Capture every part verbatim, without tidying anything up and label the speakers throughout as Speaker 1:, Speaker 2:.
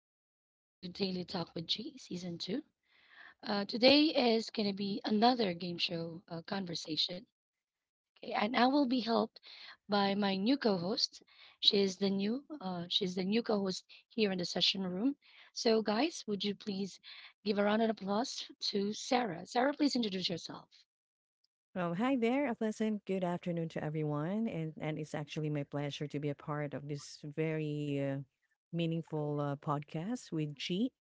Speaker 1: and welcome to Daily Talk with G Season two. Uh, today is going to be another game show uh, conversation, okay? And I will be helped by my new co-host. She is the new uh, she's the new co-host here in the session room. So, guys, would you please give a round of applause to Sarah? Sarah, please introduce yourself.
Speaker 2: Well, hi there. A pleasant good afternoon to everyone. And, and it's actually my pleasure to be a part of this very uh, meaningful uh, podcast with G.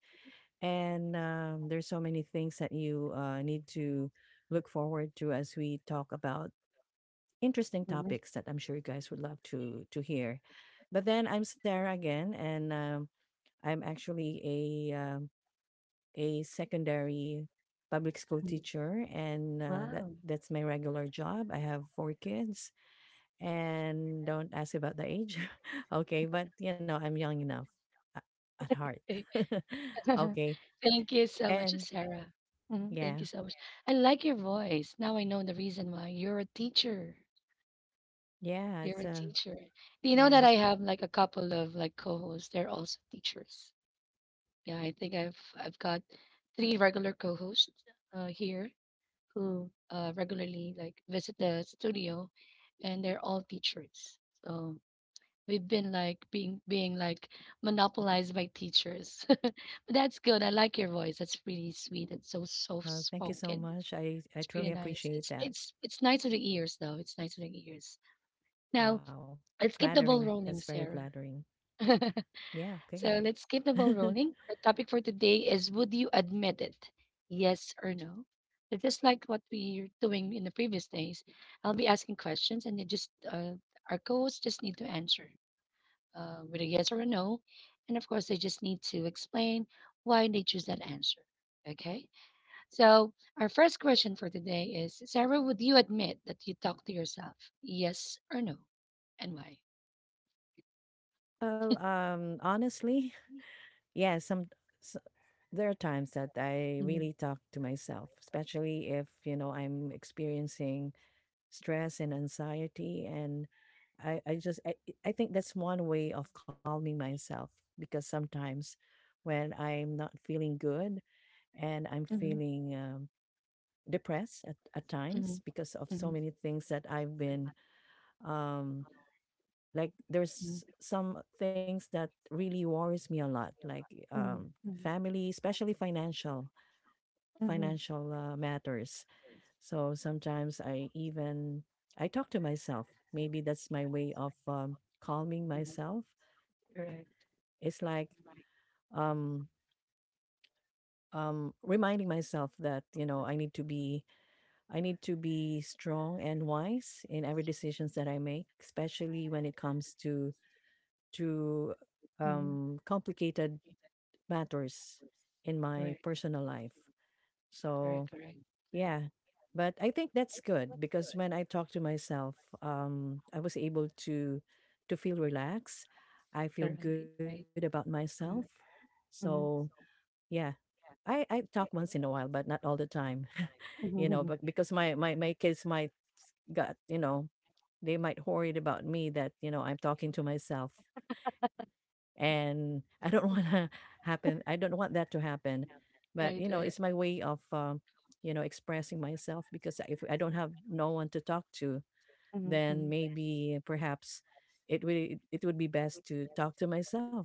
Speaker 2: And um, there's so many things that you uh, need to look forward to as we talk about interesting
Speaker 1: Mhm.
Speaker 2: topics that I'm sure you guys would love to to hear. But then I'm Sarah again, and um, I'm actually a um, a secondary public school
Speaker 1: Mm.
Speaker 2: teacher and uh, that
Speaker 1: Wow.
Speaker 2: that's my regular job. I have four kids and don't ask about the age. Okay, but you know I'm young enough a- at heart. Okay,
Speaker 1: Thank you so much,
Speaker 2: and
Speaker 1: Sarah. Mhm. Thank
Speaker 2: yeah,
Speaker 1: you so much. I like your voice. Now I know the reason why. You're a teacher.
Speaker 2: yeah,
Speaker 1: You're
Speaker 2: it's
Speaker 1: a
Speaker 2: uh
Speaker 1: teacher. Do you know
Speaker 2: yeah,
Speaker 1: that I have like a couple of like co-hosts? They're also teachers. Yeah, I think I've I've got three regular co-hosts uh, here who uh, regularly like visit the studio, and they're all teachers. So we've been like being being like monopolized by teachers. But that's good. I like your voice. That's pretty sweet. It's so soft
Speaker 2: uh, thank you so
Speaker 1: spoken.
Speaker 2: much. I i
Speaker 1: It's pretty
Speaker 2: truly
Speaker 1: nice.
Speaker 2: appreciate
Speaker 1: It's
Speaker 2: that.
Speaker 1: it's it's nice to the ears though. It's nice to the ears. Now
Speaker 2: Wow,
Speaker 1: let's keep
Speaker 2: flattering.
Speaker 1: the ball
Speaker 2: That's very
Speaker 1: rolling,
Speaker 2: flattering.
Speaker 1: Sarah.
Speaker 2: Yeah, okay.
Speaker 1: So let's keep the ball rolling. Our topic for today is, would you admit it? Yes or no? So just like what we were doing in the previous days, I'll be asking questions and you just uh, our co-hosts just need to answer uh, with a yes or a no. And of course, they just need to explain why they choose that answer. Okay. So, our first question for today is, Sarah, would you admit that you talk to yourself? Yes or no? And why?
Speaker 2: Well, um honestly, yeah, some there are times that I
Speaker 1: Mhm.
Speaker 2: really talk to myself, especially if, you know, I'm experiencing stress and anxiety. And I, I just, I, I think that's one way of calming myself, because sometimes when I'm not feeling good and I'm
Speaker 1: Mhm,
Speaker 2: feeling um, depressed at, at times
Speaker 1: mhm,
Speaker 2: because of so
Speaker 1: mhm,
Speaker 2: many things that I've been, um, like, there's some things that really worries me a lot, like, um,
Speaker 1: mhm, mhm,
Speaker 2: family, especially financial
Speaker 1: mhm,
Speaker 2: financial uh, matters. So sometimes I even I talk to myself. Maybe that's my way of um, calming myself. It's like, um um reminding myself that, you know, I need to be I need to be strong and wise in every decisions that I make, especially when it comes to to
Speaker 1: mhm.
Speaker 2: um complicated matters in my
Speaker 1: Correct,
Speaker 2: personal life.
Speaker 1: correct,
Speaker 2: So,
Speaker 1: Correct. Mhm.
Speaker 2: yeah. But I think that's good, because when I talk to myself, um, I was able to to feel relaxed. I
Speaker 1: All
Speaker 2: feel good
Speaker 1: right,
Speaker 2: about
Speaker 1: right.
Speaker 2: myself. So
Speaker 1: Mhm.
Speaker 2: yeah. I, I talk once in a while, but not all the time. You know, but because my, my, my kids might got, you know, they might worried about me that, you know, I'm talking to myself, and I don't want to happen. I don't want that to happen. But, you
Speaker 1: Right,
Speaker 2: know,
Speaker 1: right.
Speaker 2: it's my way of um, you know expressing myself, because if I don't have no one to talk to, then
Speaker 1: Mm-hmm.
Speaker 2: maybe perhaps it would it would be best to talk to myself,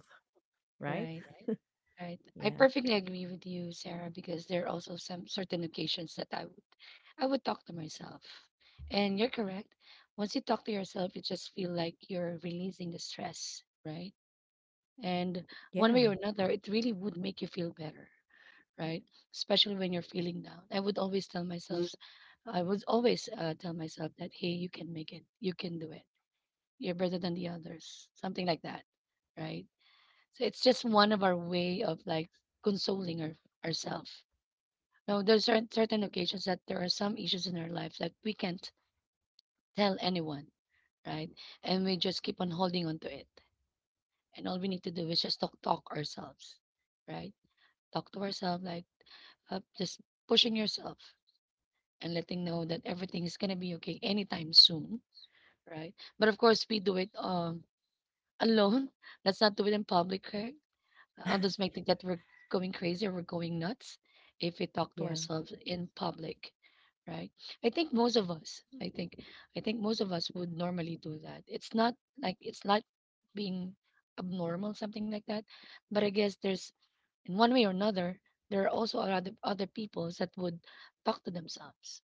Speaker 2: right?
Speaker 1: Right. Right. I
Speaker 2: Yeah,
Speaker 1: perfectly agree with you, Sarah, because there are also some certain occasions that I would I would talk to myself. And you're correct. Once you talk to yourself, you just feel like you're releasing the stress, right? And one
Speaker 2: yeah,
Speaker 1: way or another, it really would make you feel better, right? Especially when you're feeling down. I would always tell myself, I would always uh, tell myself that, hey, you can make it, you can do it, you're better than the others, something like that, right? So it's just one of our way of like consoling our, ourselves. Now, there's certain, certain occasions that there are some issues in our life that we can't tell anyone, right? And we just keep on holding on to it. And all we need to do is just talk, talk ourselves, right? Talk to ourselves, like uh, just pushing yourself and letting know that everything is gonna be okay anytime soon, right? But of course, we do it um alone. Let's not do it in public, correct? Others may think that we're going crazy or we're going nuts if we talk to
Speaker 2: yeah,
Speaker 1: ourselves in public, right? I think most of us, I think, I think most of us would normally do that. It's not like it's not being abnormal, something like that. But I guess there's in one way or another, there are also other other people that would talk to themselves,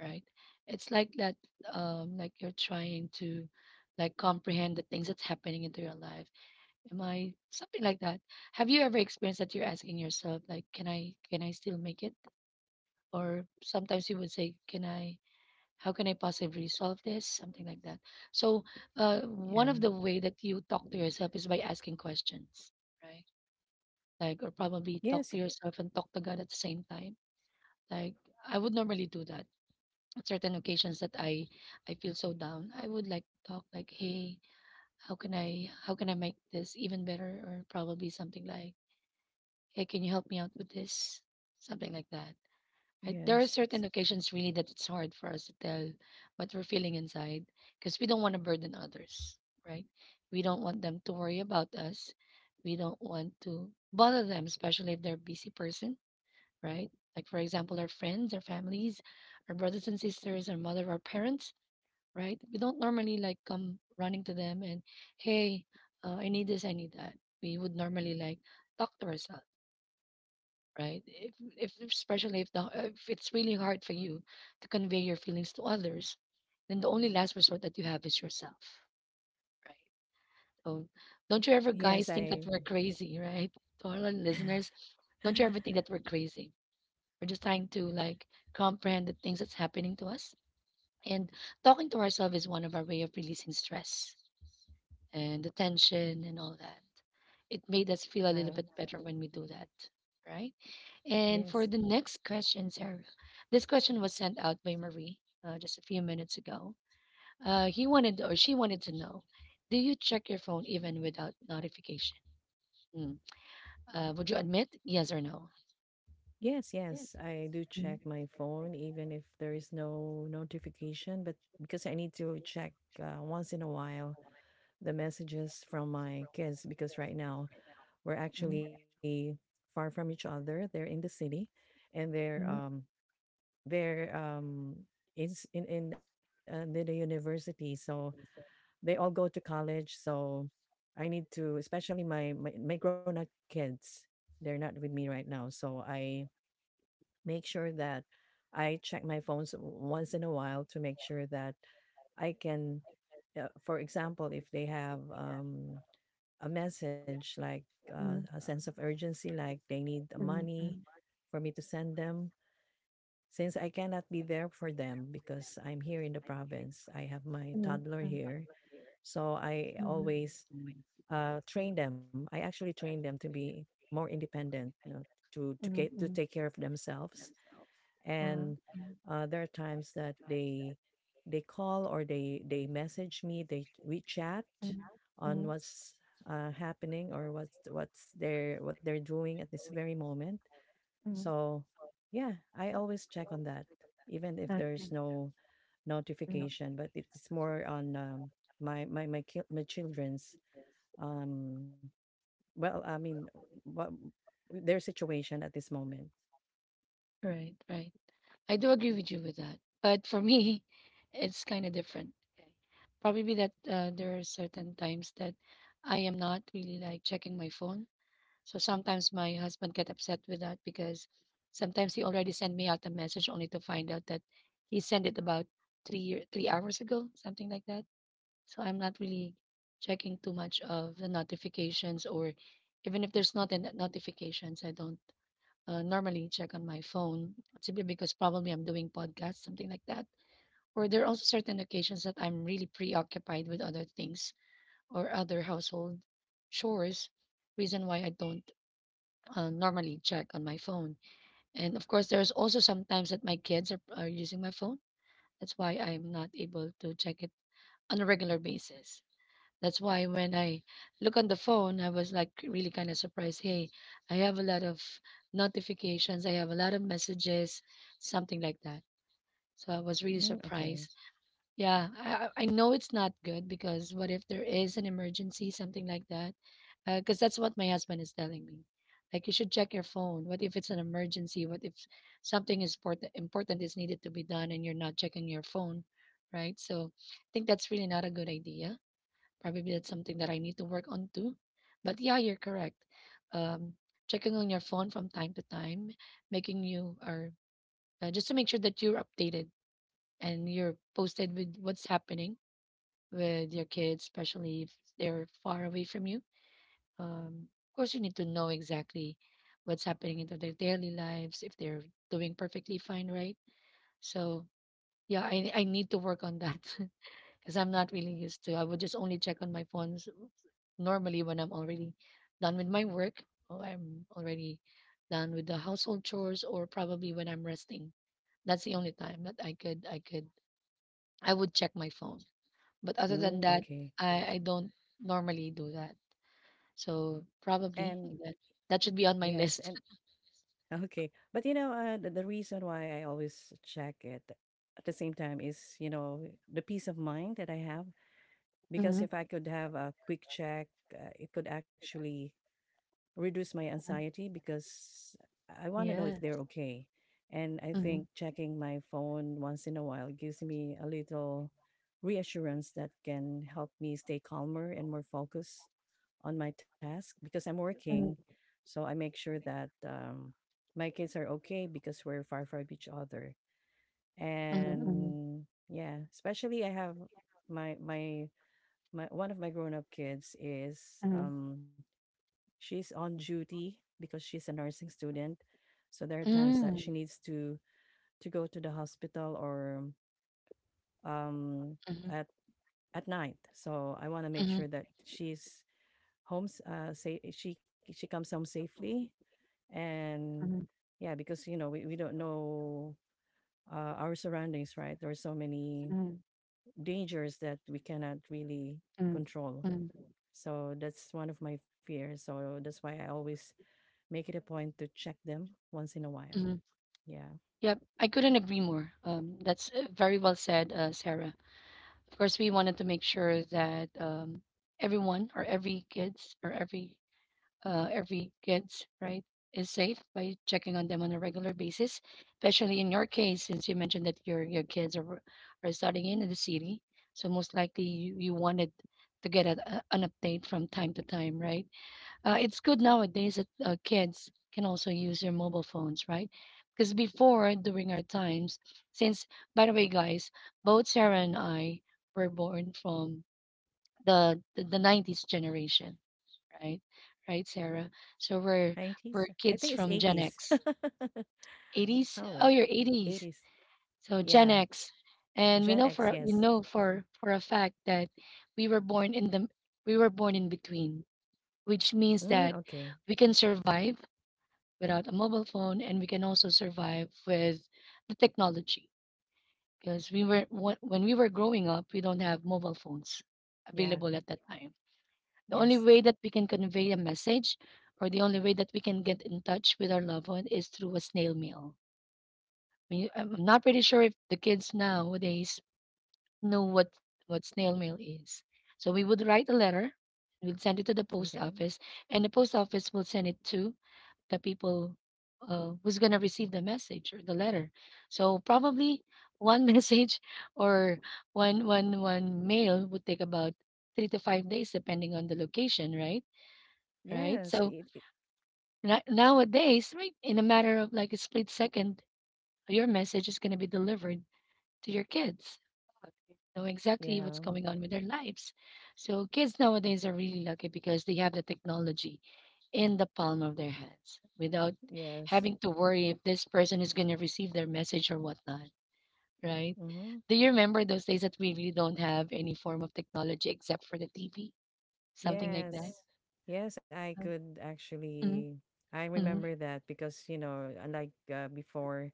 Speaker 1: right? It's like that, um, like you're trying to like comprehend the things that's happening into your life. Am I something like that? Have you ever experienced that you're asking yourself, like, can I can I still make it? Or sometimes you would say, can I? How can I possibly solve this? Something like that. So, uh, one of the
Speaker 2: yeah.
Speaker 1: way that you talk to yourself is by asking questions, right? Like, or probably
Speaker 2: Yes,
Speaker 1: talk to yourself and talk to God at the same time. Like, I would normally do that at certain occasions that I I feel so down, I would like talk like, hey, how can I how can I make this even better? Or probably something like, hey, can you help me out with this? Something like that. Right? There are
Speaker 2: yes, s-
Speaker 1: certain occasions really that it's hard for us to tell what we're feeling inside because we don't want to burden others, right? We don't want them to worry about us. We don't want to bother them, especially if they're a busy person, right? Like for example, our friends, our families, our brothers and sisters, our mother, our parents, right? We don't normally like come running to them and, hey, uh, I need this, I need that. We would normally like talk to ourselves, right? If, if especially if the if it's really hard for you to convey your feelings to others, then the only last resort that you have is yourself, right? So
Speaker 2: y-
Speaker 1: don't you ever
Speaker 2: yes.
Speaker 1: guys
Speaker 2: I,
Speaker 1: think that we're crazy, right? To all our listeners, don't you ever think that we're crazy? We're just trying to like comprehend the things that's happening to us. And talking to ourselves is one of our way of releasing stress and the tension and all that. It made us feel a
Speaker 2: um,
Speaker 1: little bit better when we do that, right? And for
Speaker 2: yes.
Speaker 1: the next question, Sarah, this question was sent out by Marie uh, just a few minutes ago. Uh, he wanted or she wanted to know, do you check your phone even without notification? Mm. Uh, would you admit yes or no?
Speaker 2: Yes,
Speaker 1: Yes.
Speaker 2: yes. I do
Speaker 1: Mhm.
Speaker 2: check my phone even if there is no notification, but because I need to check uh, once in a while the messages from my kids, because right now we're actually far from each other. They're in the city and they're
Speaker 1: Mhm,
Speaker 2: um they're um in s- in in, uh, in the university. So they all go to college, so I need to, especially my, my, my grown-up kids. They're not with me right now, so I make sure that I check my phones w- once in a while, to make sure that I can, uh, for example, if they have, um, a message like uh, a
Speaker 1: mhm,
Speaker 2: sense of urgency, like they need the money for me to send them. Since I cannot be there for them because I'm here in the province, I have my
Speaker 1: mhm,
Speaker 2: toddler
Speaker 1: mhm,
Speaker 2: here. So I always Mm. uh, train them. I actually train them to be more independent, you know, to to, ca- to
Speaker 1: mhm,
Speaker 2: take care of themselves,
Speaker 1: mhm,
Speaker 2: and uh, there are times that they they call, or they they message me, they we chat on
Speaker 1: mhm,
Speaker 2: what's uh, happening, or what's what's their what they're doing at this very moment.
Speaker 1: mhm,
Speaker 2: So yeah, I always check on that, even if there's no
Speaker 1: mhm.
Speaker 2: notification, but it's more on, um, my my my, ki- my children's, um well, I mean, what their situation at this moment.
Speaker 1: Right, right. I do agree with you with that. But for me, it's kind of different. Okay. Probably that uh, there are certain times that I am not really like checking my phone. So sometimes my husband get upset with that because sometimes he already sent me out a message only to find out that he sent it about three year, three hours ago, something like that. So I'm not really checking too much of the notifications, or even if there's not a notifications, I don't uh, normally check on my phone simply because probably I'm doing podcasts, something like that. Or there are also certain occasions that I'm really preoccupied with other things or other household chores, reason why I don't uh, normally check on my phone. And of course, there's also sometimes that my kids are, are using my phone. That's why I'm not able to check it on a regular basis. That's why when I look on the phone, I was like really kind of surprised. Hey, I have a lot of notifications. I have a lot of messages, something like that. So I was really
Speaker 2: Mm, okay.
Speaker 1: surprised. Yeah, I, I I know it's not good because what if there is an emergency, something like that? Because that's what my husband is telling me. Like you should check your phone. What if it's an emergency? What if something is important? Important is needed to be done and you're not checking your phone, right? So I think that's really not a good idea. Probably that's something that I need to work on too. But yeah, you're correct. Um, checking on your phone from time to time, making you or uh, just to make sure that you're updated and you're posted with what's happening with your kids, especially if they're far away from you. Um, of course, you need to know exactly what's happening into their daily lives if they're doing perfectly fine, right? So yeah, I I need to work on that. Because I'm not really used to. I would just only check on my phones normally when I'm already done with my work or I'm already done with the household chores or probably when I'm resting. That's the only time that I could I could I would check my phone. But other than
Speaker 2: Mm,
Speaker 1: that,
Speaker 2: okay.
Speaker 1: I, I don't normally do that. So
Speaker 2: And
Speaker 1: probably that, that should be on my
Speaker 2: yes, and
Speaker 1: list.
Speaker 2: okay. But, you know, uh, the, the reason why I always check it at the same time is, you know, the peace of mind that I have. Because if I could have a quick check, uh, it could actually reduce my
Speaker 1: Mhm.
Speaker 2: anxiety, because I want to know if
Speaker 1: Yes.
Speaker 2: they're okay. And I
Speaker 1: Mm-hmm.
Speaker 2: think checking my phone once in a while gives me a little reassurance that can help me stay calmer and more focused on my task, because I'm working. So I make sure that, um, my kids are okay, because we're far from each other.
Speaker 1: Mm-hmm.
Speaker 2: And yeah, especially I have, my my my one of my grown up kids is, um she's on duty, because she's a nursing student. So there are times
Speaker 1: Mm-hmm.
Speaker 2: that
Speaker 1: Mm.
Speaker 2: she needs to to go to the hospital, or um
Speaker 1: Mm-hmm.
Speaker 2: at at night, so I want to make
Speaker 1: Mm-hmm.
Speaker 2: sure that she's home, s- uh safe. she she comes home safely. And
Speaker 1: Mm-hmm.
Speaker 2: yeah, because, you know, we, we don't know uh, our surroundings, right? There are so many dangers that we cannot really control,
Speaker 1: Mm,
Speaker 2: so that's one of my fears, so that's why I always make it a point to check them once in a while.
Speaker 1: mhm.
Speaker 2: Yeah.
Speaker 1: Yep, I couldn't agree more. Um, that's uh, very well said, uh, Sarah. Of course, we wanted to make sure that um, everyone or every kids or every uh, every kids right is safe by checking on them on a regular basis, especially in your case since you mentioned that your your kids are are studying in the city, so most likely you, you wanted to get a, a- an update from time to time, right? Uh, it's good nowadays that uh, kids can also use their mobile phones, right? Because before, during our times, since by the way, guys, both Sarah and I were born from the the, the nineties generation, right? Right, Sarah. So we're
Speaker 2: nineties.
Speaker 1: we're
Speaker 2: I
Speaker 1: kids
Speaker 2: think it's
Speaker 1: from Gen
Speaker 2: eighties.
Speaker 1: X, eighties. Oh,
Speaker 2: Oh,
Speaker 1: you're eighties.
Speaker 2: eighties.
Speaker 1: So Gen
Speaker 2: Yeah.
Speaker 1: X, and we know
Speaker 2: Gen
Speaker 1: for
Speaker 2: X,
Speaker 1: we
Speaker 2: yes.
Speaker 1: know for for a fact that we were born in the we were born in between, which means
Speaker 2: Mm,
Speaker 1: that
Speaker 2: okay.
Speaker 1: we can survive without a mobile phone, and we can also survive with the technology because we were wh- when we were growing up we don't have mobile phones
Speaker 2: Yeah.
Speaker 1: available at that time. The only
Speaker 2: Yes.
Speaker 1: way that we can convey a message or the only way that we can get in touch with our loved one is through a snail mail. I mean, I'm not pretty sure if the kids nowadays know what what snail mail is. So we would write a letter, we will send it to the post
Speaker 2: Okay.
Speaker 1: office, and the post office will send it to the people uh, who's gonna receive the message or the letter. So probably one message or one one one mail would take about three to five days depending on the location, right? Right.
Speaker 2: Yes.
Speaker 1: So
Speaker 2: It, it,
Speaker 1: na- nowadays, right, in a matter of like a split second, your message is gonna be delivered to your kids know exactly what's
Speaker 2: yeah.
Speaker 1: going on with their lives. So kids nowadays are really lucky because they have the technology in the palm of their hands without
Speaker 2: Yes.
Speaker 1: having to worry if this person is going to receive their message or whatnot, right?
Speaker 2: Mm-hmm.
Speaker 1: Do you remember those days that we really don't have any form of technology except for the T V, something like that?
Speaker 2: Yes. Yes, I could actually.
Speaker 1: Mm-hmm.
Speaker 2: I
Speaker 1: Hmm.
Speaker 2: remember that because, you know, unlike uh, before,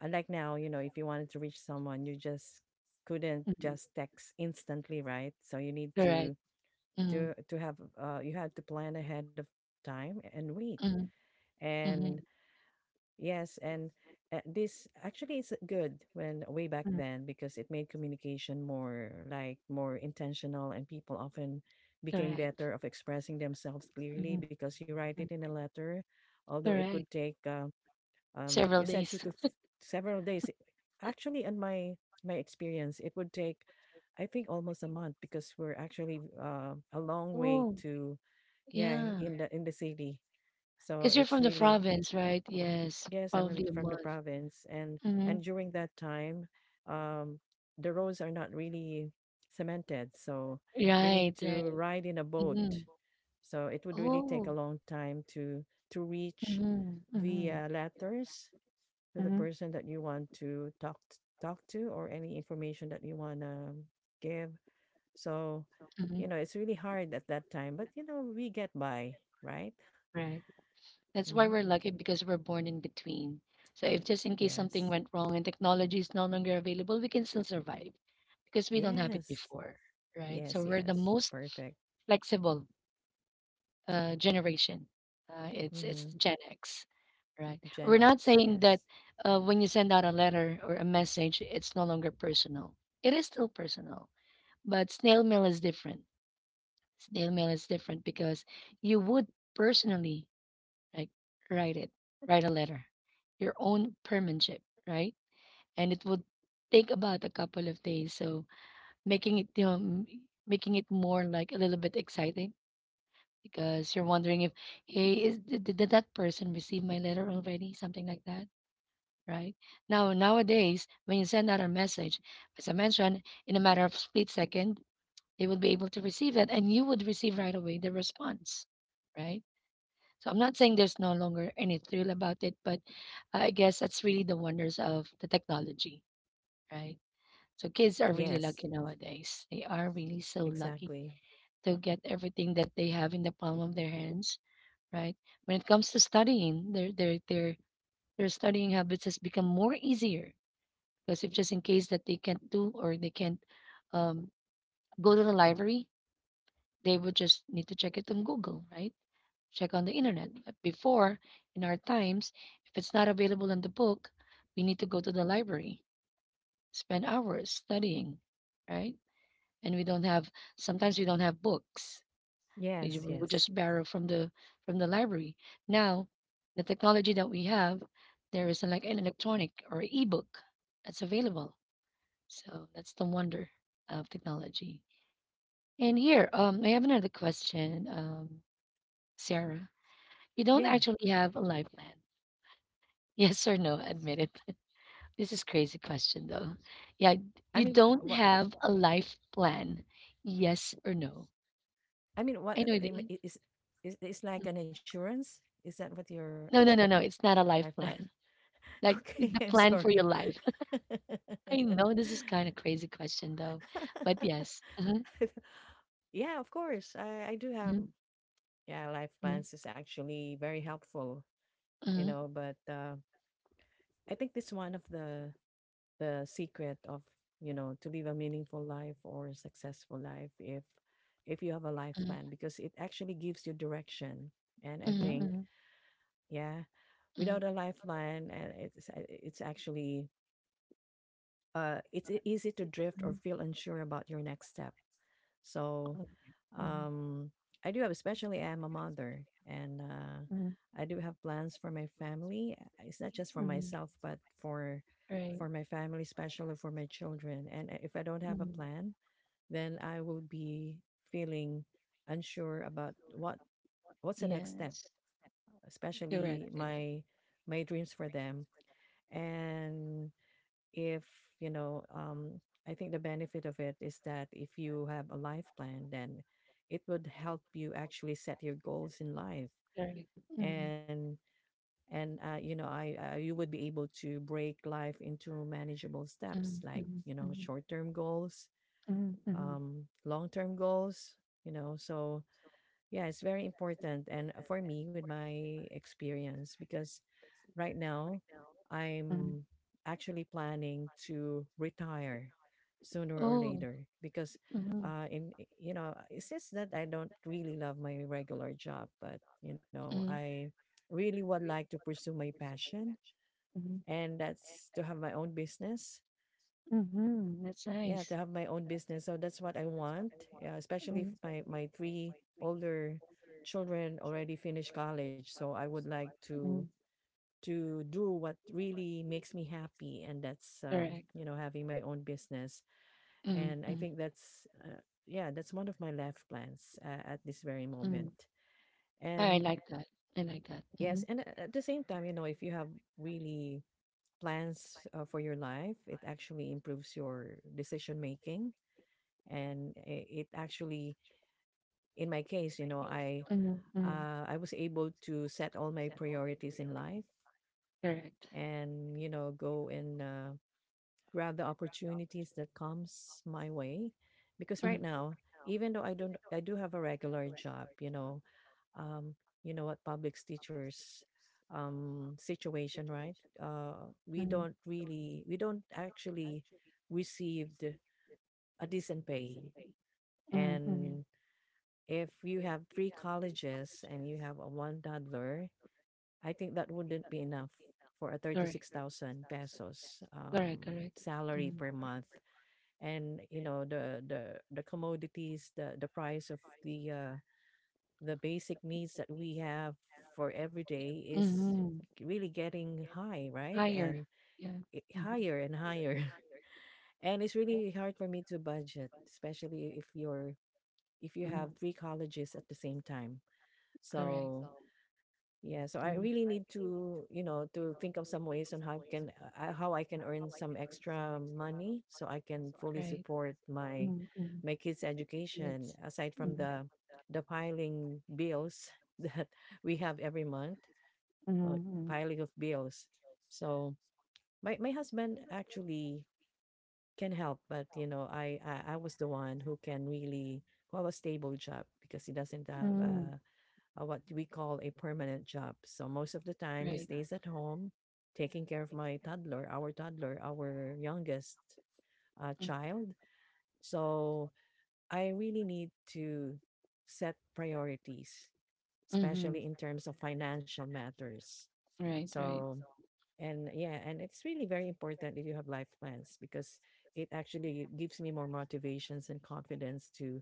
Speaker 2: unlike now, you know, if you wanted to reach someone, you just couldn't just text instantly, right? So you need
Speaker 1: Correct.
Speaker 2: to
Speaker 1: Mm-hmm.
Speaker 2: to to have uh you had to plan ahead of time and wait.
Speaker 1: Mm-hmm. Mm-hmm.
Speaker 2: And yes, and uh, this actually is good when way back
Speaker 1: Mm-hmm.
Speaker 2: then, because it made communication more like more intentional, and people often became
Speaker 1: Correct.
Speaker 2: better of expressing themselves clearly,
Speaker 1: Mm-hmm.
Speaker 2: because you write it in a letter, although it would
Speaker 1: Correct.
Speaker 2: take, uh, um
Speaker 1: Several
Speaker 2: you said two
Speaker 1: days.
Speaker 2: to th- several days. Actually, in my my experience, it would take, I think, almost a month, because we're actually, uh, a long way
Speaker 1: Oh,
Speaker 2: to, yeah,
Speaker 1: yeah.
Speaker 2: in the in the city, so
Speaker 1: Because you're
Speaker 2: it's
Speaker 1: from the
Speaker 2: really,
Speaker 1: province, right? Yes,
Speaker 2: yes, I'm in-
Speaker 1: probably a
Speaker 2: from the
Speaker 1: month.
Speaker 2: province, and
Speaker 1: Hmm.
Speaker 2: and during that time, um the roads are not really cemented, so you need
Speaker 1: Right, right.
Speaker 2: to ride in a
Speaker 1: Hmm.
Speaker 2: boat, so it would really take a
Speaker 1: Oh.
Speaker 2: long time to to reach
Speaker 1: Hmm.
Speaker 2: the,
Speaker 1: Hmm.
Speaker 2: uh, letters, to the
Speaker 1: Hmm.
Speaker 2: person that you want to talk t- talk to, or any information that you want to give. So,
Speaker 1: Hmm.
Speaker 2: you know, it's really hard at that time, but, you know, we get by, right?
Speaker 1: Right. That's why
Speaker 2: Hmm.
Speaker 1: we're lucky because we're born in between. So if just in case something
Speaker 2: Yes.
Speaker 1: went wrong and technology is no longer available, we can still survive because we don't have it
Speaker 2: Yes.
Speaker 1: before, right?
Speaker 2: Yes,
Speaker 1: So we're the
Speaker 2: yes.
Speaker 1: most
Speaker 2: Perfect.
Speaker 1: flexible uh, generation. Uh, it's it's
Speaker 2: Mm-hmm.
Speaker 1: Gen X, right?
Speaker 2: Gen
Speaker 1: We're not
Speaker 2: X,
Speaker 1: saying that
Speaker 2: yes.
Speaker 1: uh, when you send out a letter or a message, it's no longer personal. It is still personal, but snail mail is different. Snail mail is different because you would personally like write it, write a letter, your own penmanship, right? And it would take about a couple of days. So making it you know, m- making it more like a little bit exciting because you're wondering if, hey, is did, did that person receive my letter already? Something like that, right? Now, nowadays, when you send out a message, as I mentioned, in a matter of split second, they would be able to receive that, and you would receive right away the response, right? So I'm not saying there's no longer any thrill about it, but I guess that's really the wonders of the technology, right? So kids are really
Speaker 2: Yes,
Speaker 1: lucky nowadays. They are really so lucky
Speaker 2: exactly.
Speaker 1: to get everything that they have in the palm of their hands, right? When it comes to studying, their their their their studying habits has become more easier because if just in case that they can't do or they can't um, go to the library, they would just need to check it on Google, right? Check on the internet. But before, in our times, if it's not available in the book, we need to go to the library, spend hours studying, right? And we don't have sometimes we don't have books. We, ju-
Speaker 2: Yes,
Speaker 1: we would
Speaker 2: yes.
Speaker 1: just borrow from the from the library. Now, the technology that we have, there is a, like an electronic or ebook that's available. So that's the wonder of technology. And here, um, I have another question, um, Sarah. You don't
Speaker 2: Yeah.
Speaker 1: actually have a life plan. Yes or no? Admit it. This is crazy question though. Yeah,
Speaker 2: I
Speaker 1: you
Speaker 2: mean what
Speaker 1: don't
Speaker 2: what
Speaker 1: have a life plan. Yes or no?
Speaker 2: I mean what
Speaker 1: I know it
Speaker 2: I mean
Speaker 1: is.
Speaker 2: it is is it's like an insurance? Is that what your,
Speaker 1: No, no, no, no. It's not a
Speaker 2: uh, life
Speaker 1: life
Speaker 2: plan?
Speaker 1: plan. Like
Speaker 2: Okay,
Speaker 1: the
Speaker 2: I'm
Speaker 1: plan for
Speaker 2: sorry.
Speaker 1: your life. I know this is kind of crazy question though, but yes. Mhm.
Speaker 2: Yeah, of course. I I do have,
Speaker 1: Mhm.
Speaker 2: yeah, life plans is actually very helpful, you
Speaker 1: Mhm.
Speaker 2: know, but uh I think this one of the the secret of, you know, to live a meaningful life or a successful life, if if you have a life
Speaker 1: Mhm.
Speaker 2: plan, because it actually gives you direction. And I
Speaker 1: Mhm.
Speaker 2: think,
Speaker 1: Mhm.
Speaker 2: yeah,
Speaker 1: Mhm. Mhm.
Speaker 2: without a lifeline, and it's it's actually, uh it's e- easy to drift or feel unsure about your next step. So, um, I do have, especially I'm a mother, and uh,
Speaker 1: Mhm. Mhm.
Speaker 2: I do have plans for my family. Uh, It's not just for
Speaker 1: Mhm.
Speaker 2: myself, but for,
Speaker 1: Right.
Speaker 2: for my family, especially for my children. And i- if I don't have a
Speaker 1: Mhm.
Speaker 2: plan, then I will be feeling unsure about, what what's the next
Speaker 1: Yes.
Speaker 2: step,
Speaker 1: Correct.
Speaker 2: especially
Speaker 1: Correct.
Speaker 2: my my dreams for them. And if, you know um I think the benefit of it is that if you have a life plan, then it would help you actually set your goals in life,
Speaker 1: Correct. Mhm.
Speaker 2: and and uh, you know, I uh, you would be able to break life into manageable
Speaker 1: Mhm.
Speaker 2: steps, like,
Speaker 1: Mhm.
Speaker 2: you know,
Speaker 1: Mhm.
Speaker 2: short term goals,
Speaker 1: Mhm. Mhm.
Speaker 2: um long term goals, you know. So yeah, it's very important. And uh, for me, with my experience, because right now,
Speaker 1: Mhm.
Speaker 2: I'm actually planning to retire sooner or
Speaker 1: Oh.
Speaker 2: later, because
Speaker 1: Mhm.
Speaker 2: uh in I- you know uh, it's just that I don't really love my regular job, but, you know,
Speaker 1: Mhm.
Speaker 2: I really would like to pursue my passion,
Speaker 1: Mhm.
Speaker 2: and that's to have my own business.
Speaker 1: Mhm. That's
Speaker 2: Yeah,
Speaker 1: nice.
Speaker 2: to have my own business. So that's what I want. Yeah, especially if
Speaker 1: Mhm.
Speaker 2: my my three older children already finished college. So I would like to to do what really makes me happy, and that's, um,
Speaker 1: Correct.
Speaker 2: you know, having my own business.
Speaker 1: Mm-hmm.
Speaker 2: And I
Speaker 1: Mm-hmm.
Speaker 2: think that's uh, yeah, that's one of my life plans uh, at this very
Speaker 1: Mm.
Speaker 2: moment.
Speaker 1: I
Speaker 2: And
Speaker 1: like that. I like that. Mm-hmm.
Speaker 2: yes, and a- at the same time, you know, if you have really plans, uh, for your life, it actually improves your decision making. And i- it actually, in my case, you know, i
Speaker 1: Mm. Mm.
Speaker 2: uh, i was able to set all my priorities in life,
Speaker 1: Correct.
Speaker 2: and, you know, go and, uh, grab the opportunities that comes my way. Because right
Speaker 1: Mm.
Speaker 2: now, even though I don't I do have a regular job, you know, um you know what public teachers, um situation, right? Uh we
Speaker 1: Mm.
Speaker 2: don't really we don't actually received a decent pay.
Speaker 1: Mm. Mm.
Speaker 2: And if you have three colleges and you have a one toddler, I think that wouldn't be enough for a 36,000
Speaker 1: Correct.
Speaker 2: pesos
Speaker 1: Correct.
Speaker 2: um,
Speaker 1: Correct.
Speaker 2: salary
Speaker 1: Mm.
Speaker 2: per month. And, you know, the the the commodities, the the price of the, uh, the basic needs that we have for every day is
Speaker 1: Mm.
Speaker 2: really getting high, right?
Speaker 1: Higher.
Speaker 2: And,
Speaker 1: Yeah.
Speaker 2: it,
Speaker 1: Mm-hmm.
Speaker 2: higher and higher. And it's really hard for me to budget, especially if you're if you
Speaker 1: Mm.
Speaker 2: have three colleges at the same time.
Speaker 1: Correct. Mm.
Speaker 2: So,
Speaker 1: Right.
Speaker 2: yeah, so I really need to, you know, to think of some ways on how can I, how I can earn some extra money, so I can fully support my
Speaker 1: Mm. Mm.
Speaker 2: my kids'
Speaker 1: And it's.
Speaker 2: education, aside from the the piling bills that we have every month,
Speaker 1: Mm.
Speaker 2: uh,
Speaker 1: Mm.
Speaker 2: piling of bills. So my my husband actually can help, but you know, I I, I was the one who can really, who have a stable job, because he doesn't have uh uh, what we call a permanent job. So most of the time, he
Speaker 1: Right.
Speaker 2: stays at home taking care of my toddler, our toddler, our youngest, uh,
Speaker 1: Mm.
Speaker 2: child. So I really need to set priorities,
Speaker 1: Mm-hmm.
Speaker 2: especially in terms of financial matters.
Speaker 1: Right. Right.
Speaker 2: So, and yeah, and it's really very important if you have life plans, because it actually gives me more motivations and confidence to,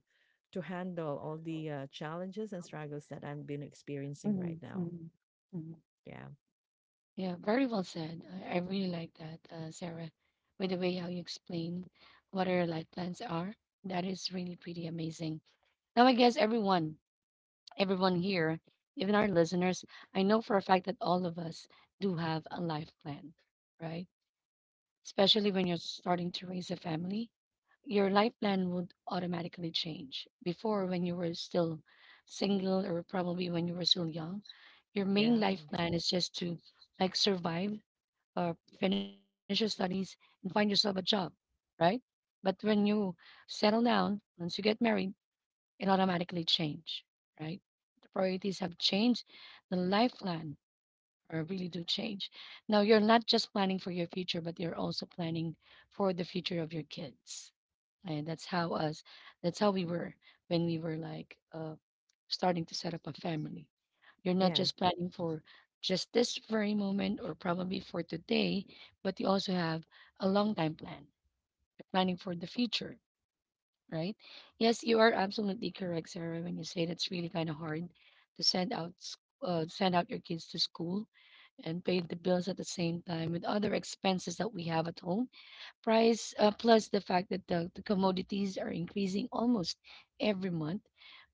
Speaker 2: to handle all the, uh, challenges and struggles that I've been experiencing right now.
Speaker 1: Mhm.
Speaker 2: Yeah.
Speaker 1: Yeah, very well said. I, I really like that, uh, Sarah. By the way, how you explain what our life plans are, that is really pretty amazing. Now, I guess everyone, everyone here, even our listeners, I know for a fact that all of us do have a life plan, right? Especially when you're starting to raise a family, your life plan would automatically change. Before, when you were still single or probably when you were still young, your main
Speaker 2: Yeah.
Speaker 1: life plan is just to like survive or finish your studies and find yourself a job, right? But when you settle down, once you get married, it automatically change, right? The priorities have changed, the life plan uh, really do change. Now you're not just planning for your future, but you're also planning for the future of your kids. And that's how us, that's how we were when we were like uh, starting to set up a family. You're not
Speaker 2: Yeah.
Speaker 1: just planning for just this very moment or probably for today, but you also have a long time plan. You're planning for the future, right? Yes, you are absolutely correct, Sarah, when you say that's really kind of hard to send out s- uh, send out your kids to school and pay the bills at the same time with other expenses that we have at home, price uh, plus the fact that the, the commodities are increasing almost every month,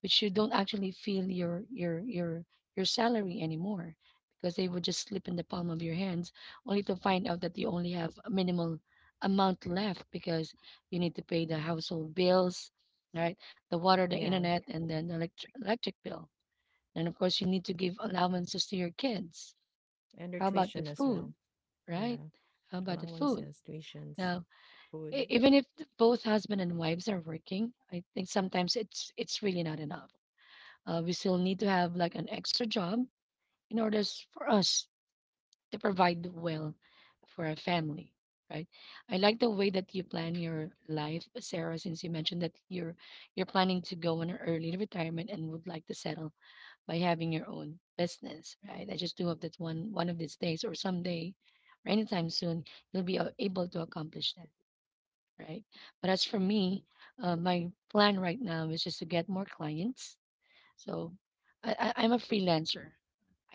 Speaker 1: which you don't actually feel your your your your salary anymore because they would just slip in the palm of your hands, only to find out that you only have a minimal amount left because you need to pay the household bills, right? The water, the
Speaker 2: Yeah.
Speaker 1: internet, and then the electric electric bill, and of course you need to give allowances to your kids.
Speaker 2: And their
Speaker 1: How about the
Speaker 2: tuition as
Speaker 1: food,
Speaker 2: well.
Speaker 1: right?
Speaker 2: Yeah.
Speaker 1: How about the food
Speaker 2: Allowances, tuitions,
Speaker 1: now? E
Speaker 2: food.
Speaker 1: Even if th both husband and wives are working, I think sometimes it's it's really not enough. Uh, we still need to have like an extra job in order s- for us to provide well for our family, right? I like the way that you plan your life, Sarah, since you mentioned that you're you're planning to go on an early retirement and would like to settle by having your own business, right? I just do hope that one one of these days or someday or anytime soon you'll be a- able to accomplish that, right? But as for me, uh, my plan right now is just to get more clients. So I, I, I'm a freelancer.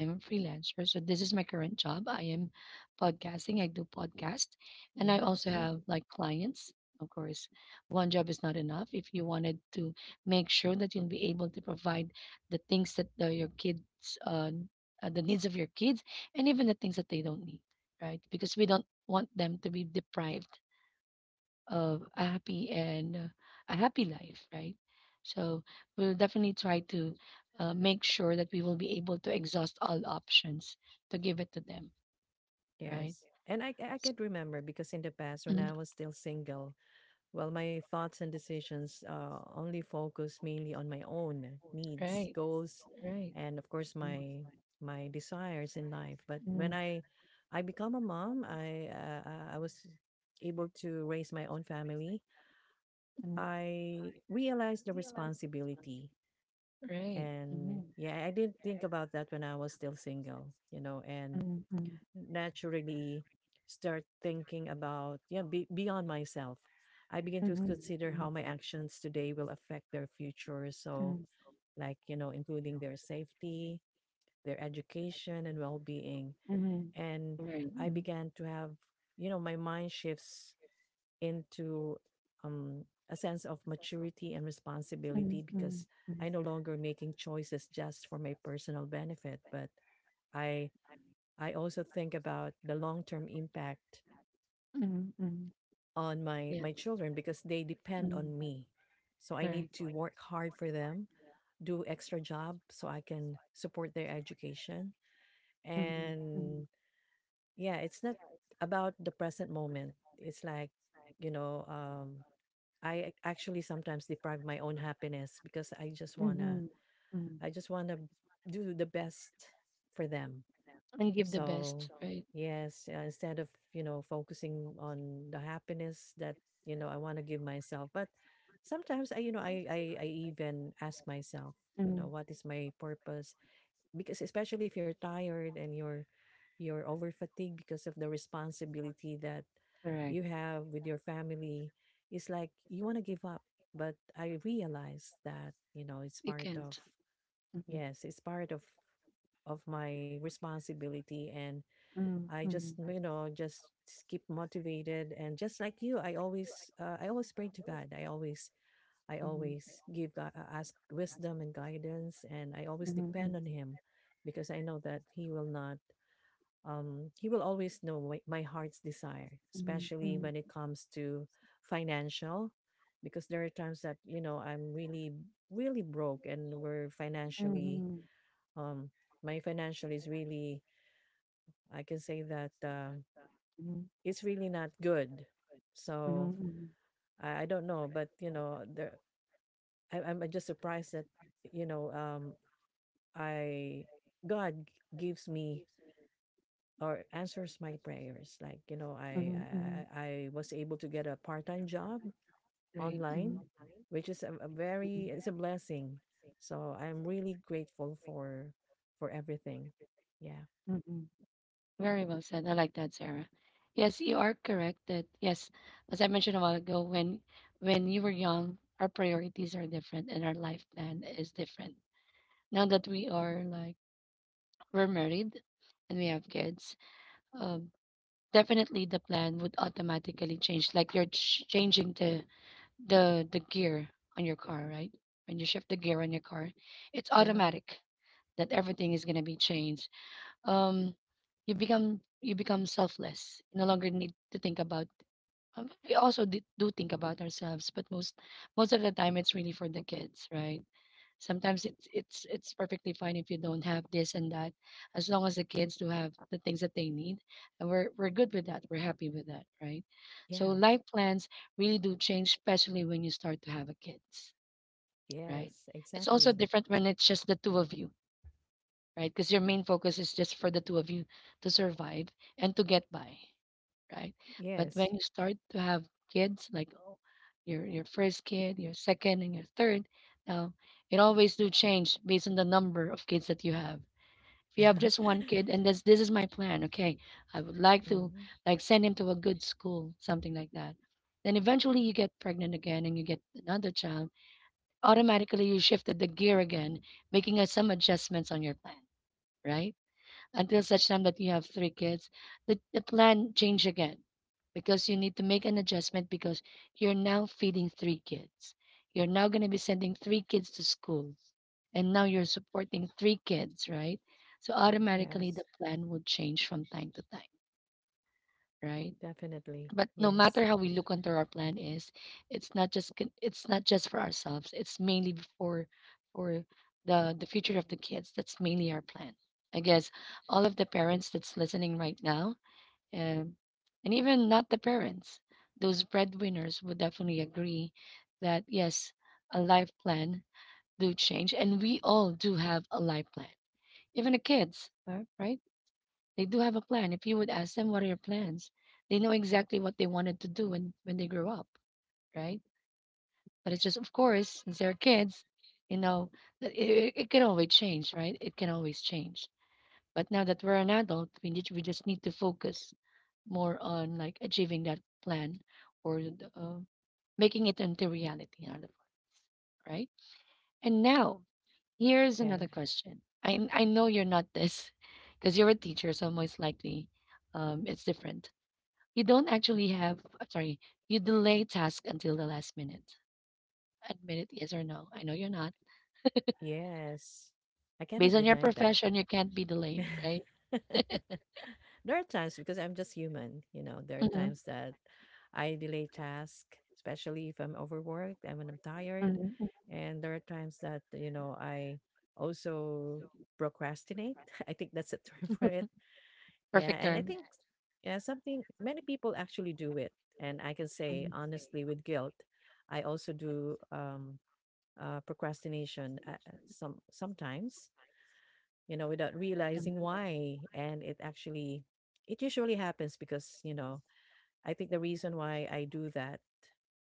Speaker 1: I'm a freelancer. So this is my current job. I am podcasting. I do podcast. And I
Speaker 2: Yeah.
Speaker 1: also
Speaker 2: Okay.
Speaker 1: have like clients. Of course, one job is not enough. If you wanted to make sure that you'll be able to provide the things that the, your kids, uh, uh, the needs of your kids, and even the things that they don't need, right? Because we don't want them to be deprived of a happy and uh, a happy life, right? So we'll definitely try to uh, make sure that we will be able to exhaust all options to give it to them, right?
Speaker 2: Yes. And, I, I can remember because, in the past, when
Speaker 1: Mhm.
Speaker 2: I was still single, well, my thoughts and decisions, uh, only focus mainly on my own needs,
Speaker 1: Right,
Speaker 2: goals,
Speaker 1: right.
Speaker 2: and of course,
Speaker 1: Mm.
Speaker 2: my my desires in life. But
Speaker 1: Mm.
Speaker 2: when I I become a mom, I uh, uh, I was able to raise my own family.
Speaker 1: Mm.
Speaker 2: I realized the responsibility.
Speaker 1: Right. Mm.
Speaker 2: And yeah, I didn't think about that when I was still single, you know, and
Speaker 1: Mm. Mm.
Speaker 2: naturally start thinking about, you know, be, beyond myself. I begin to
Speaker 1: Mhm.
Speaker 2: consider how my actions today will affect their future. So, like, you know, including their safety, their education, and well being. And
Speaker 1: Right.
Speaker 2: I
Speaker 1: Mm.
Speaker 2: began to have, you know, my mind shifts into, um, a sense of maturity and responsibility, because
Speaker 1: Mm.
Speaker 2: I no longer making choices just for my personal benefit, but I I also think about the long term impact
Speaker 1: Mm. Mm.
Speaker 2: on my
Speaker 1: Yeah.
Speaker 2: my children, because they depend on
Speaker 1: Mm.
Speaker 2: me. So I need
Speaker 1: Correct.
Speaker 2: to work hard for them, do extra job so I can support their education.
Speaker 1: Mm. Mm.
Speaker 2: And yeah, it's not about the present moment. It's like, you know, um, I actually sometimes deprive my own happiness because I just wanna
Speaker 1: Mm.
Speaker 2: I just wanna do the best for them.
Speaker 1: And give the
Speaker 2: So
Speaker 1: best, right?
Speaker 2: yes, uh, instead of, you know, focusing on the happiness that, you know, I want to give myself, but sometimes I you know I, I I even ask myself, you know, what is my purpose, because especially if you're tired and you're you're over fatigued because of the responsibility that you have with your family. It's like you want to give up, but I realized that, you know, it's
Speaker 1: You
Speaker 2: part of,
Speaker 1: can't. Mhm.
Speaker 2: yes, it's part of of my responsibility, and I just,
Speaker 1: Mhm.
Speaker 2: you know, just keep motivated. And just like you, i always uh, i always pray to God. i always I
Speaker 1: Mhm.
Speaker 2: always give God, uh, ask wisdom and guidance, and I always
Speaker 1: Mhm.
Speaker 2: depend on Him, because I know that He will not, um, He will always know my, my heart's desire, especially
Speaker 1: Mhm.
Speaker 2: when it comes to financial, because there are times that, you know, I'm really, really broke, and we're
Speaker 1: Mhm.
Speaker 2: financially,
Speaker 1: Mhm.
Speaker 2: um, my financial is really, I can say that, um, it's really not good.
Speaker 1: Mhm.
Speaker 2: So
Speaker 1: Mhm.
Speaker 2: I, I don't know, but, you know, there, I, I'm just surprised that, you know, um I God, g- gives me or answers my prayers. Like, you know, I
Speaker 1: Mhm.
Speaker 2: I, I was able to get a part time job
Speaker 1: Right. Mhm.
Speaker 2: online, which is a, a very it's a blessing. So I'm really grateful for, for everything. Yeah,
Speaker 1: Mhm. Very well said. I like that, Sarah. Yes, you are correct that yes, as I mentioned a while ago, when when you were young, our priorities are different and our life plan is different. Now that we are like we're married and we have kids, um, definitely the plan would automatically change. Like you're ch- changing the the the gear on your car, right? When you shift the gear on your car, it's
Speaker 2: yeah,
Speaker 1: automatic that everything is gonna be changed. Um, you become you become selfless. You no longer need to think about. um, We also d- do think about ourselves, but most most of the time, it's really for the kids, right? Sometimes it's it's it's perfectly fine if you don't have this and that, as long as the kids do have the things that they need, and we're we're good with that. We're happy with that, right? So
Speaker 2: yeah.
Speaker 1: life plans really do change, especially when you start to have a kids, right?
Speaker 2: Yes,
Speaker 1: It's also
Speaker 2: exactly.
Speaker 1: different when it's just the two of you, right? Because your main focus is just for the two of you to survive and to get by, right? But when
Speaker 2: Yes.
Speaker 1: you start to have kids, like oh, your your first kid, your second, and your third, now it always do change based on the number of kids that you have. If you have just one kid, and this this is my plan, okay, I would like to
Speaker 2: Mhm.
Speaker 1: like send him to a good school, something like that. Then eventually you get pregnant again, and you get another child. Automatically you shifted the gear again, making uh, some adjustments on your plan, right? Until such time that you have three kids, the, the plan change again because you need to make an adjustment because you're now feeding three kids. You're now going to be sending three kids to school, and now you're supporting three kids, right? So automatically the
Speaker 2: Yes,
Speaker 1: plan would change from time to time, right?
Speaker 2: definitely.
Speaker 1: But no matter
Speaker 2: Yes.
Speaker 1: how we look onto our plan is, it's not just con- it's not just for ourselves, it's mainly for for the the future of the kids. That's mainly our plan. I guess all of the parents that's listening right now, um, and even not the parents, those breadwinners would definitely agree that yes, a life plan do change, and we all do have a life plan. Even the kids, uh, right, they do have a plan. If you would ask them, what are your plans? They know exactly what they wanted to do when, when they grow up, right? But it's just, of course, since they're kids, you know, that it, it can always change, right? It can always change. But now that we're an adult, we need, we just need to focus more on like achieving that plan or uh, making it into reality, in other words, right? And now here's
Speaker 2: Yeah.
Speaker 1: another question. I I know you're not this because you're a teacher, so most likely um, it's different. You don't actually have, uh, sorry, you delay task until the last minute. Admit it, yes or no. I know you're not.
Speaker 2: Yes. I
Speaker 1: Based
Speaker 2: cannot
Speaker 1: on your
Speaker 2: deny that.
Speaker 1: profession, you can't be delayed, right?
Speaker 2: There are times, because I'm just human, you know, there are
Speaker 1: Mm-hmm.
Speaker 2: times that I delay task, especially if I'm overworked and when I'm tired. And there are times that, you know, I also procrastinate. I think that's a term for it. Yeah.
Speaker 1: Perfect
Speaker 2: And I
Speaker 1: term.
Speaker 2: think, yeah, something many people actually do it. And I can say honestly with guilt, I also do, um uh procrastination, uh, uh, some sometimes, you know, without realizing why. And it actually, it usually happens because, you know, I think the reason why I do that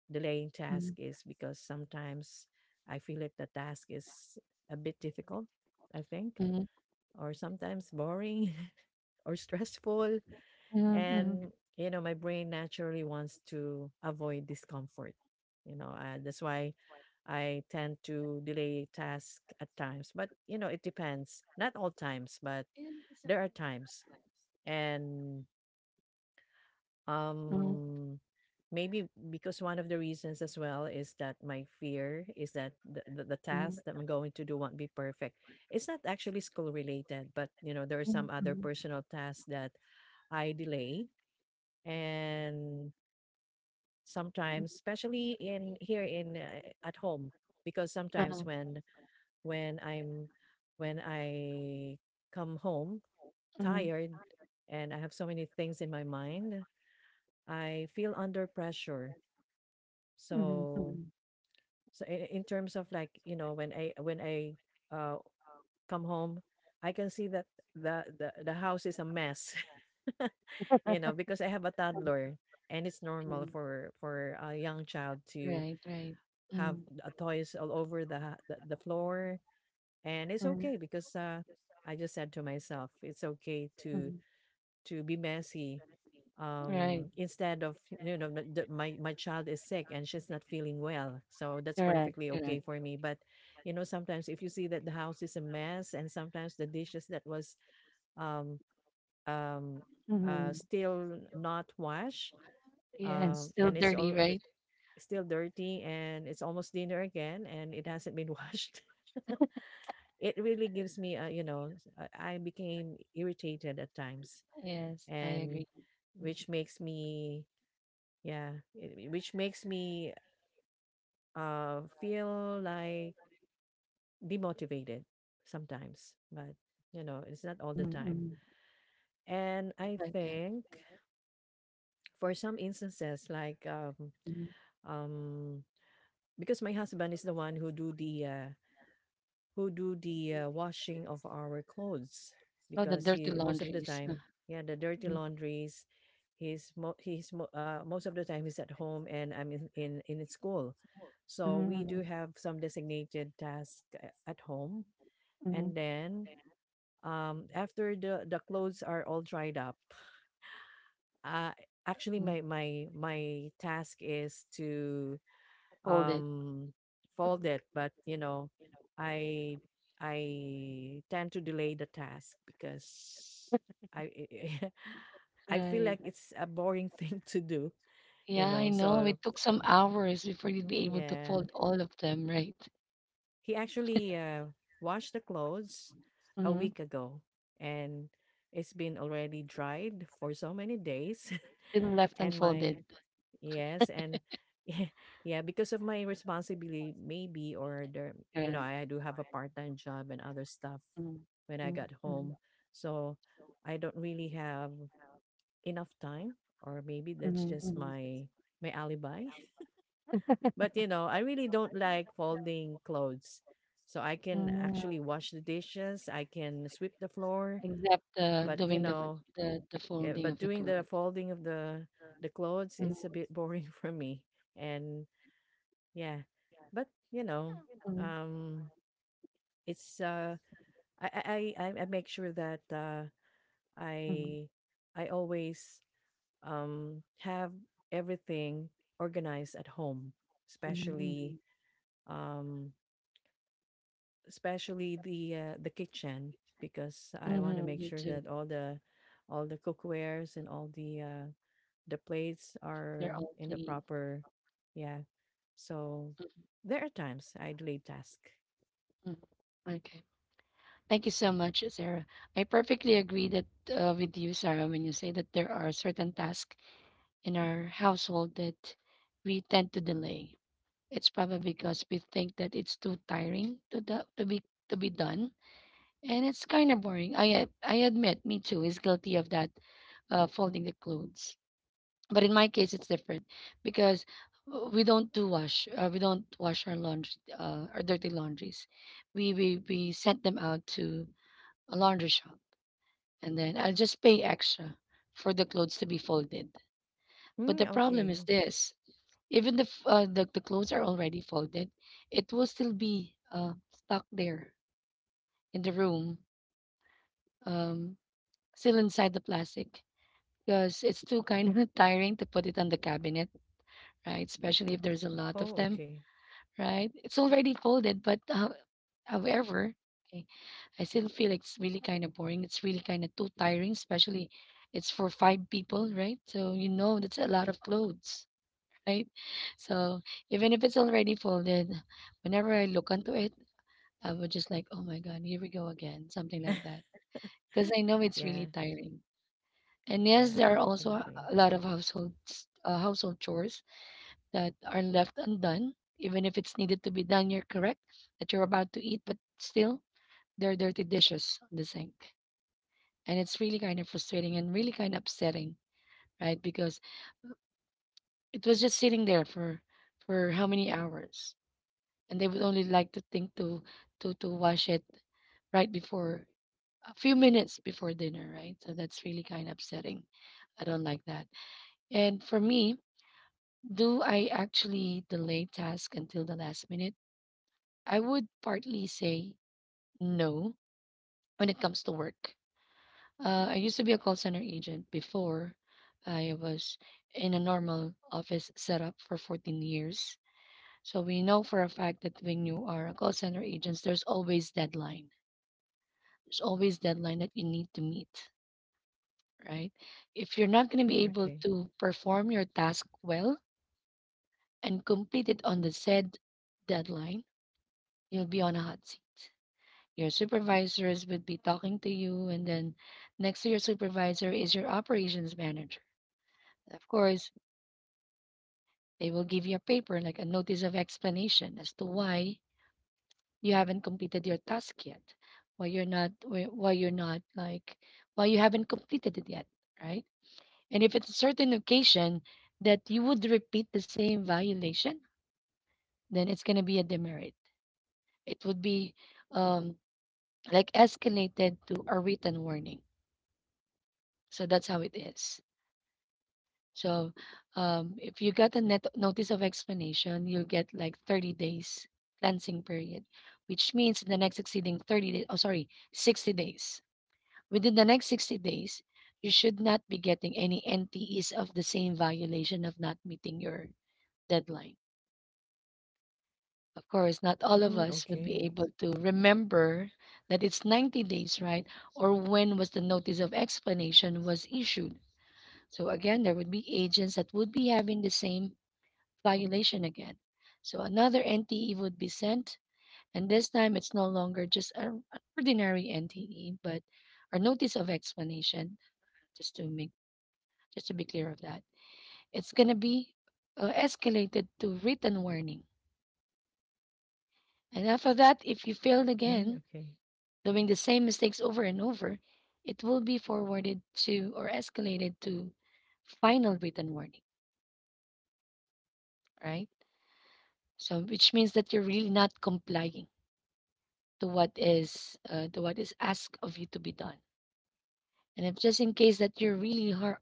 Speaker 2: delaying task is because sometimes I feel like the task is a bit difficult, I think,
Speaker 1: Mhm,
Speaker 2: or sometimes boring or stressful.
Speaker 1: mhm, mhm,
Speaker 2: And, you know, my brain naturally wants to avoid discomfort. You know, uh, that's why I tend to delay tasks at times. But, you know, it depends. Not all times, but there are times. And,
Speaker 1: mhm,
Speaker 2: um maybe because one of the reasons as well is that my fear is that the, the, the task that I'm going to do won't be perfect. It's not actually school related, but you know, there are some
Speaker 1: mhm,
Speaker 2: other
Speaker 1: mhm,
Speaker 2: personal tasks that I delay. And sometimes, especially in here, in uh, at home, because sometimes
Speaker 1: uh-huh,
Speaker 2: when when I'm when I come home
Speaker 1: mhm,
Speaker 2: tired, and I have so many things in my mind, I feel under pressure.
Speaker 1: mhm,
Speaker 2: So,
Speaker 1: mhm.
Speaker 2: so in, in terms of like, you know, when I when I, uh, come home, I can see that the the, the house is a mess. You know, because I have a toddler, and it's normal for, for a young child to
Speaker 1: Right, right.
Speaker 2: have,
Speaker 1: Mm,
Speaker 2: uh, toys all over the, ha- the the floor. And it's
Speaker 1: mm.
Speaker 2: okay, because, uh I just said to myself it's okay to to be messy,
Speaker 1: Right,
Speaker 2: um instead of, you know, the, the- my my child is sick and she's not feeling well, so that's
Speaker 1: correct,
Speaker 2: perfectly okay
Speaker 1: correct.
Speaker 2: for me. But, you know, sometimes if you see that the house is a mess, and sometimes the dishes that was, um um uh still not washed,
Speaker 1: Yes.
Speaker 2: um
Speaker 1: Still
Speaker 2: and it's
Speaker 1: dirty,
Speaker 2: all
Speaker 1: right?
Speaker 2: still dirty, and it's almost dinner again, and it hasn't been washed, it really gives me a, you know s- uh, I became irritated at times.
Speaker 1: Yes, I
Speaker 2: And
Speaker 1: agree. Mhm,
Speaker 2: which makes me yeah, it- which makes me, uh feel like demotivated sometimes. But, you know, it's not all the
Speaker 1: mhm,
Speaker 2: time.
Speaker 1: mhm.
Speaker 2: And I
Speaker 1: Okay.
Speaker 2: think for some instances like, um
Speaker 1: Mhm.
Speaker 2: um because my husband is the one who do the, uh, who do the uh, washing of our clothes,
Speaker 1: Oh, the
Speaker 2: because
Speaker 1: dirty
Speaker 2: he most of the
Speaker 1: laundries.
Speaker 2: time, yeah, the dirty
Speaker 1: Mhm.
Speaker 2: laundries. He's mo- he's mo- uh, most of the time he's at home and I'm in, in in school. So we do have some designated task, a- at home.
Speaker 1: Mhm.
Speaker 2: And then, um after the the clothes are all dried up, uh actually my my my task is to,
Speaker 1: Fold it.
Speaker 2: um, fold it. But you know, I I tend to delay the task because I I feel like it's a boring thing to do, you
Speaker 1: Yeah, I
Speaker 2: know.
Speaker 1: know.
Speaker 2: So
Speaker 1: It took some hours before you'd be able to
Speaker 2: yeah,
Speaker 1: fold all of them, right?
Speaker 2: he actually, uh, washed the clothes a
Speaker 1: Mm-hmm.
Speaker 2: week ago, and it's been already dried for so many days.
Speaker 1: Still left
Speaker 2: And my,
Speaker 1: unfolded.
Speaker 2: yes. And yeah, because of my responsibility, maybe, or there, you know,
Speaker 1: Right?
Speaker 2: I do have a part-time job and other stuff
Speaker 1: Mm.
Speaker 2: when I
Speaker 1: Mm,
Speaker 2: got home.
Speaker 1: mm,
Speaker 2: So I don't really have enough time, or maybe that's just my my alibi. But you know, I really don't like folding clothes. So I can
Speaker 1: mm.
Speaker 2: actually wash the dishes, I can sweep the floor,
Speaker 1: Except uh,
Speaker 2: but you
Speaker 1: doing the,
Speaker 2: know,
Speaker 1: the the
Speaker 2: yeah,
Speaker 1: folding
Speaker 2: but
Speaker 1: of the
Speaker 2: doing the
Speaker 1: clothes.
Speaker 2: folding of the the clothes is a bit boring for me. And yeah. But you know, um it's, uh I I I, I I make sure that, uh
Speaker 1: Mm-hmm.
Speaker 2: I I always, um have everything organized at home, especially, um especially the, uh, the kitchen, because I want to
Speaker 1: Mm-hmm.
Speaker 2: make
Speaker 1: Me
Speaker 2: sure
Speaker 1: too.
Speaker 2: that all the all the cookwares and all the, uh the plates
Speaker 1: They're
Speaker 2: are
Speaker 1: all
Speaker 2: in the
Speaker 1: clean.
Speaker 2: proper, yeah. So there are times I delay task.
Speaker 1: Mm. Okay. Thank you so much, Sarah. I perfectly agree that uh, with you, Sarah, when you say that there are certain tasks in our household that we tend to delay. It's probably because we think that it's too tiring to do, to be to be done, and it's kind of boring. I ad- I admit, me too, is guilty of that, uh, folding the clothes. But in my case, it's different because uh, we don't do wash. Uh, we don't wash our laundry, uh, our dirty laundries. We we we sent them out to a laundry shop, and then I'll just pay extra for the clothes to be folded. But
Speaker 2: Mm,
Speaker 1: the problem is
Speaker 2: okay.
Speaker 1: this: even if uh, the the clothes are already folded, it will still be uh, stuck there in the room, um, still inside the plastic because it's too kind of tiring to put it on the cabinet, right? Especially if there's a lot of
Speaker 2: Oh,
Speaker 1: them,
Speaker 2: okay.
Speaker 1: right? It's already folded, but uh, however, okay, I still feel it's really kind of boring. It's really kind of too tiring, especially it's for five people, right? So you know that's a lot of clothes, right? So even if it's already folded, whenever I look onto it, I would just like, oh my god, here we go again, something like that, because I know it's really
Speaker 2: Yeah,
Speaker 1: tiring. And yes,
Speaker 2: yeah,
Speaker 1: there are also a
Speaker 2: definitely.
Speaker 1: a lot of households, uh, household chores that are left undone, even if it's needed to be done. You're correct that you're about to eat, but still there are dirty dishes on the sink. And it's really kind of frustrating and really kind of upsetting, right? Because it was just sitting there for for how many hours, and they would only like to think to to to wash it right before a few minutes before dinner, right? So that's really kind of upsetting. I don't like that. And for me, do I actually delay task until the last minute? I would partly say no when it comes to work. Uh, I used to be a call center agent before. I was in a normal office setup for fourteen years. So we know for a fact that when you are a call center agent, there's always deadline. There's always deadline that you need to meet, right? If you're not going to be
Speaker 2: Mm,
Speaker 1: able
Speaker 2: okay.
Speaker 1: to perform your task well and complete it on the said deadline, you'll be on a hot seat. Your supervisors would be talking to you, and then next to your supervisor is your operations manager. Of course, they will give you a paper, like a notice of explanation as to why you haven't completed your task yet, why you're not why why you're not like why you haven't completed it yet, right? And if it's a certain occasion that you would repeat the same violation, then it's going to be a demerit. It would be um like escalated to a written warning. So that's how it is. So, um, if you get a net notice of explanation, you'll get like thirty days cleansing period, which means in the next succeeding thirty days, oh, sorry, sixty days. Within the next sixty days, you should not be getting any N T Es of the same violation of not meeting your deadline. Of course, not all of
Speaker 2: Mm,
Speaker 1: us would be
Speaker 2: okay.
Speaker 1: able to remember that it's ninety days, right? Or when was the notice of explanation was issued. So again, there would be agents that would be having the same violation again. So another N T E would be sent, and this time it's no longer just a- an ordinary N T E, but a notice of explanation. Just to make, just to be clear of that, it's gonna be uh, escalated to written warning. And after that, if you failed again,
Speaker 2: Mm, okay.
Speaker 1: doing the same mistakes over and over, it will be forwarded to or escalated to final written warning, right? So, which means that you're really not complying to what is uh, to what is asked of you to be done. And if just in case that you're really har-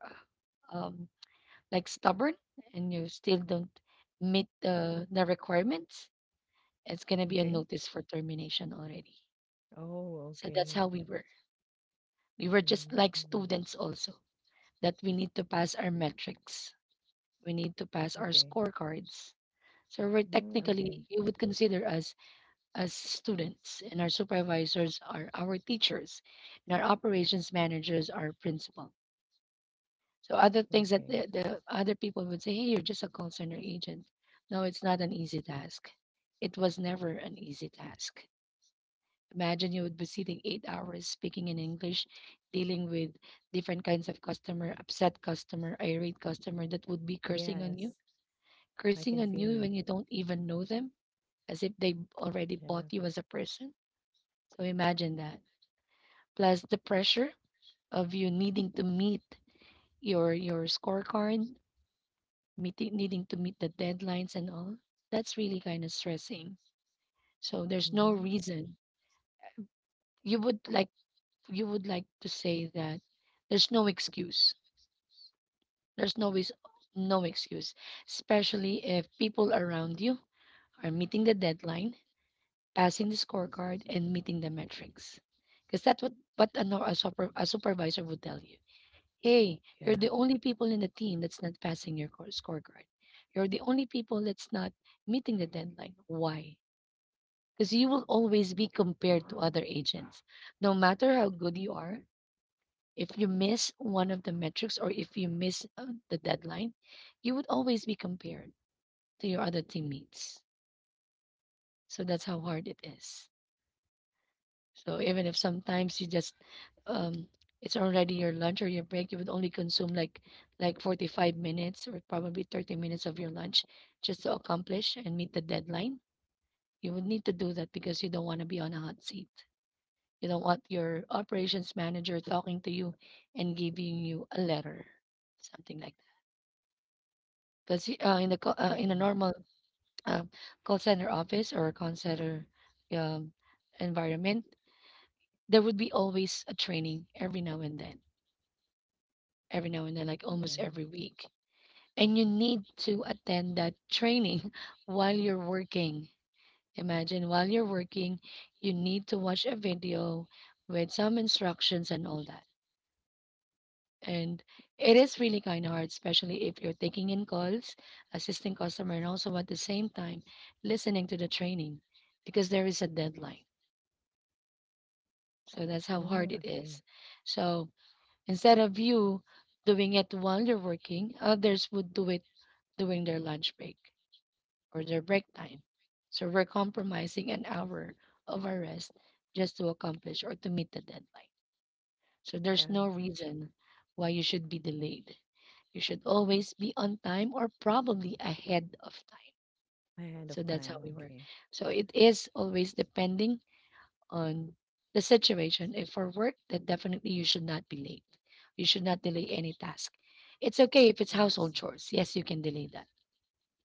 Speaker 1: um, like stubborn and you still don't meet the the requirements, it's gonna be a
Speaker 2: Okay.
Speaker 1: notice for termination already.
Speaker 2: Oh,
Speaker 1: So that's how
Speaker 2: okay.
Speaker 1: we were. We were just like
Speaker 2: Mm,
Speaker 1: students also, that we need to pass our metrics. We need to pass our
Speaker 2: okay.
Speaker 1: scorecards. So we're
Speaker 2: Mm,
Speaker 1: technically,
Speaker 2: okay.
Speaker 1: you would consider us as students, and our supervisors are our teachers, and our operations managers are principal. So other things that
Speaker 2: Okay.
Speaker 1: the, the other people would say, hey, you're just a call center agent. No, it's not an easy task. It was never an easy task. Imagine you would be sitting eight hours speaking in English, dealing with different kinds of customer, upset customer, irate customer that would be cursing on you,
Speaker 2: Yes, I
Speaker 1: cursing
Speaker 2: can
Speaker 1: on
Speaker 2: feel
Speaker 1: you when
Speaker 2: you.
Speaker 1: you don't even know them, as if they already bought
Speaker 2: Yeah.
Speaker 1: you as a person. So imagine that, plus the pressure of you needing to meet your your scorecard, meeting needing to meet the deadlines and all. That's really kind of stressing. So there's no
Speaker 2: Mm-hmm.
Speaker 1: reason you would like you would like to say that there's no excuse. There's no always no excuse, especially if people around you are meeting the deadline, passing the scorecard, and meeting the metrics, because that's what what a, nor- a, super, a supervisor would tell you. Hey,
Speaker 2: Yeah.
Speaker 1: you're the only people in the team that's not passing your core- scorecard. You're the only people that's not meeting the deadline. Why? Because you will always be compared to other agents. No matter how good you are, if you miss one of the metrics or if you miss uh, the deadline, you would always be compared to your other teammates. So that's how hard it is. So even if sometimes you just um it's already your lunch or your break, you would only consume like like forty-five minutes or probably thirty minutes of your lunch just to accomplish and meet the deadline. You would need to do that because you don't want to be on a hot seat. You don't want your operations manager talking to you and giving you a letter, something like that. Because uh, in the co-
Speaker 2: Yeah.
Speaker 1: uh, in a normal uh, call center office or call center um, environment, there would be always a training every now and then, every now and then, like almost
Speaker 2: Yeah.
Speaker 1: every week. And you need to attend that training while you're working. Imagine while you're working, you need to watch a video with some instructions and all that. And it is really kind of hard, especially if you're taking in calls, assisting customer, and also at the same time listening to the training because there is a deadline. So that's how hard
Speaker 2: Mm,
Speaker 1: it is.
Speaker 2: okay.
Speaker 1: So instead of you doing it while you're working, others would do it during their lunch break or their break time. So we're compromising an hour of our rest just to accomplish or to meet the deadline. So there's
Speaker 2: Yeah.
Speaker 1: no reason why you should be delayed. You should always be on time or probably ahead of time.
Speaker 2: Ahead
Speaker 1: So
Speaker 2: of
Speaker 1: that's how
Speaker 2: time.
Speaker 1: we work.
Speaker 2: Okay.
Speaker 1: So it is always depending on the situation. If for work, then definitely you should not be late. You should not delay any task. It's okay if it's household
Speaker 2: Yes.
Speaker 1: chores. Yes, you can delay that,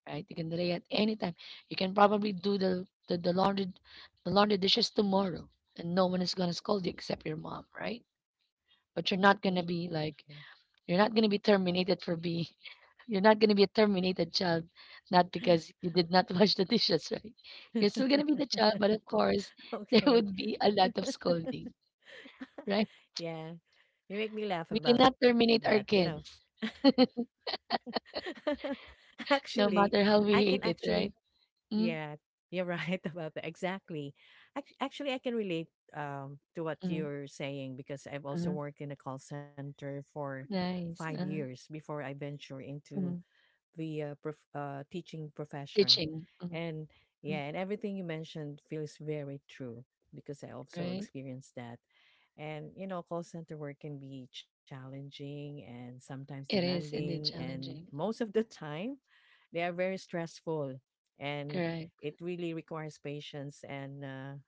Speaker 1: right? You can delay at any time. You can probably do the the, the laundry the laundry dishes tomorrow, and no one is gonna scold you except your mom, right? But you're not gonna be
Speaker 2: Mm,
Speaker 1: like you're not gonna be terminated for being you're not gonna be a terminated child, not because you did not wash the dishes, right? You're still gonna be the child, but of
Speaker 2: okay.
Speaker 1: course there would be a lot of
Speaker 2: Okay.
Speaker 1: scolding, right?
Speaker 2: Yeah. You make me
Speaker 1: We
Speaker 2: laugh about
Speaker 1: cannot
Speaker 2: that, you
Speaker 1: terminate
Speaker 2: know.
Speaker 1: our kids,
Speaker 2: actually,
Speaker 1: no matter
Speaker 2: I
Speaker 1: how
Speaker 2: can
Speaker 1: we hate it,
Speaker 2: Actually,
Speaker 1: right?
Speaker 2: yeah,
Speaker 1: Mm,
Speaker 2: you're right about that. Exactly. Act- Actually, I can relate, um to what
Speaker 1: mm,
Speaker 2: you're saying, because I've also
Speaker 1: uh
Speaker 2: worked in a call center for five
Speaker 1: nice. Uh-huh.
Speaker 2: years before I venture into
Speaker 1: Mm.
Speaker 2: the, uh, prof- uh, teaching profession.
Speaker 1: Teaching. Mm,
Speaker 2: And
Speaker 1: mm,
Speaker 2: yeah, and everything you mentioned feels very true, because I also
Speaker 1: right?
Speaker 2: experienced that. And, you know, call center work can be challenging and sometimes
Speaker 1: It is
Speaker 2: demanding.
Speaker 1: indeed
Speaker 2: And
Speaker 1: challenging. Mm,
Speaker 2: most of the time, they are very stressful and
Speaker 1: correct.
Speaker 2: it really requires patience and uh,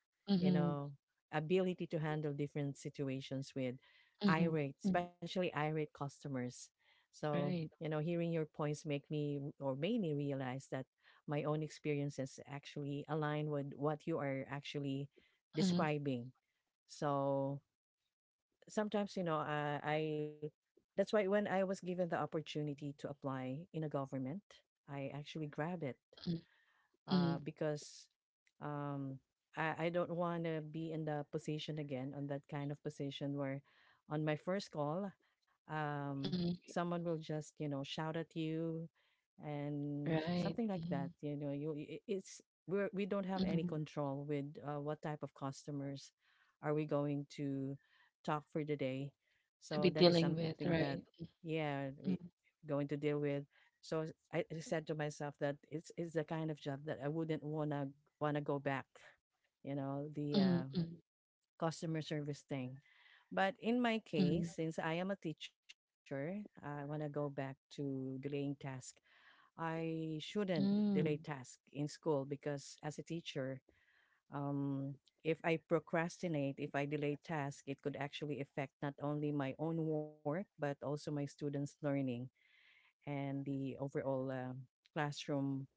Speaker 2: you
Speaker 1: Mm-hmm.
Speaker 2: know ability to handle different situations with
Speaker 1: Mm-hmm.
Speaker 2: irate
Speaker 1: Mm,
Speaker 2: especially irate customers, so
Speaker 1: right.
Speaker 2: you know hearing your points make me or made me realize that my own experiences actually align with what you are actually
Speaker 1: Mm,
Speaker 2: describing. So sometimes you know uh, I that's why when I was given the opportunity to apply in a government, I actually grab it.
Speaker 1: mm, mm,
Speaker 2: uh, because um, I, I don't want to be in the position again, on that kind of position where on my first call, um,
Speaker 1: mm,
Speaker 2: someone will just, you know, shout at you and
Speaker 1: right.
Speaker 2: something like
Speaker 1: Mm,
Speaker 2: that. You know, you I- it's we're, we don't have
Speaker 1: mm.
Speaker 2: any control with uh, what type of customers are we going to talk for the day.
Speaker 1: To be
Speaker 2: So that
Speaker 1: dealing
Speaker 2: is
Speaker 1: with,
Speaker 2: something
Speaker 1: right?
Speaker 2: that, yeah,
Speaker 1: Mm,
Speaker 2: we going to deal with. So I I said to myself that it's it's the kind of job that I wouldn't wanna wanna go back, you know,
Speaker 1: mm,
Speaker 2: the uh,
Speaker 1: mm,
Speaker 2: customer service thing. But in my
Speaker 1: mm,
Speaker 2: case, since I am a teacher, I wanna go back to delaying task. I shouldn't delay
Speaker 1: mm,
Speaker 2: task in school because as a teacher, um, if I procrastinate, if I delay task, it could actually affect not only my own work but also my students' learning and the overall um, classroom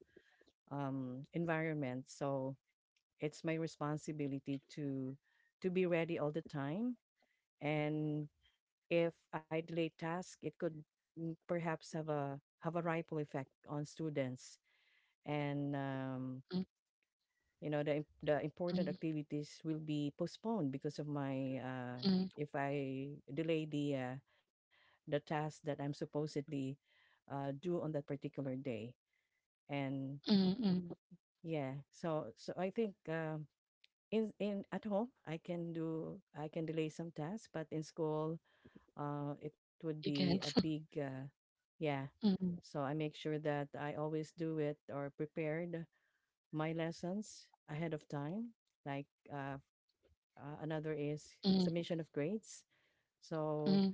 Speaker 2: um, environment. So it's my responsibility to to be ready all the time. And if I delay task, it could, mm, perhaps have a have a ripple effect on students. And um,
Speaker 1: mm,
Speaker 2: you know the im- the important
Speaker 1: mm,
Speaker 2: activities will be postponed because of my uh,
Speaker 1: mm,
Speaker 2: if I delay the uh, the task that I'm supposedly uh, do on that particular day. And
Speaker 1: mm, mm.
Speaker 2: yeah. So so I think um in in at home I can do, I can delay some tasks, but in school uh it would
Speaker 1: You
Speaker 2: be a
Speaker 1: can't.
Speaker 2: big uh, yeah.
Speaker 1: Mm,
Speaker 2: So I make sure that I always do it or prepared my lessons ahead of time. Like uh, uh another is
Speaker 1: mm,
Speaker 2: submission of grades. So
Speaker 1: mm,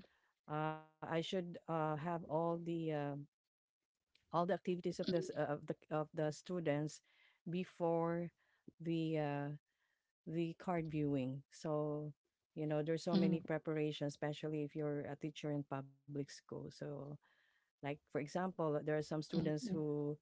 Speaker 2: uh, I should uh, have all the um, all the activities of this
Speaker 1: mm,
Speaker 2: uh, of the of the students before the uh, the card viewing. So, you know, there's so many
Speaker 1: mm,
Speaker 2: preparations, especially if you're a teacher in public school. So, like for example, there are some
Speaker 1: mm,
Speaker 2: students
Speaker 1: mm,
Speaker 2: who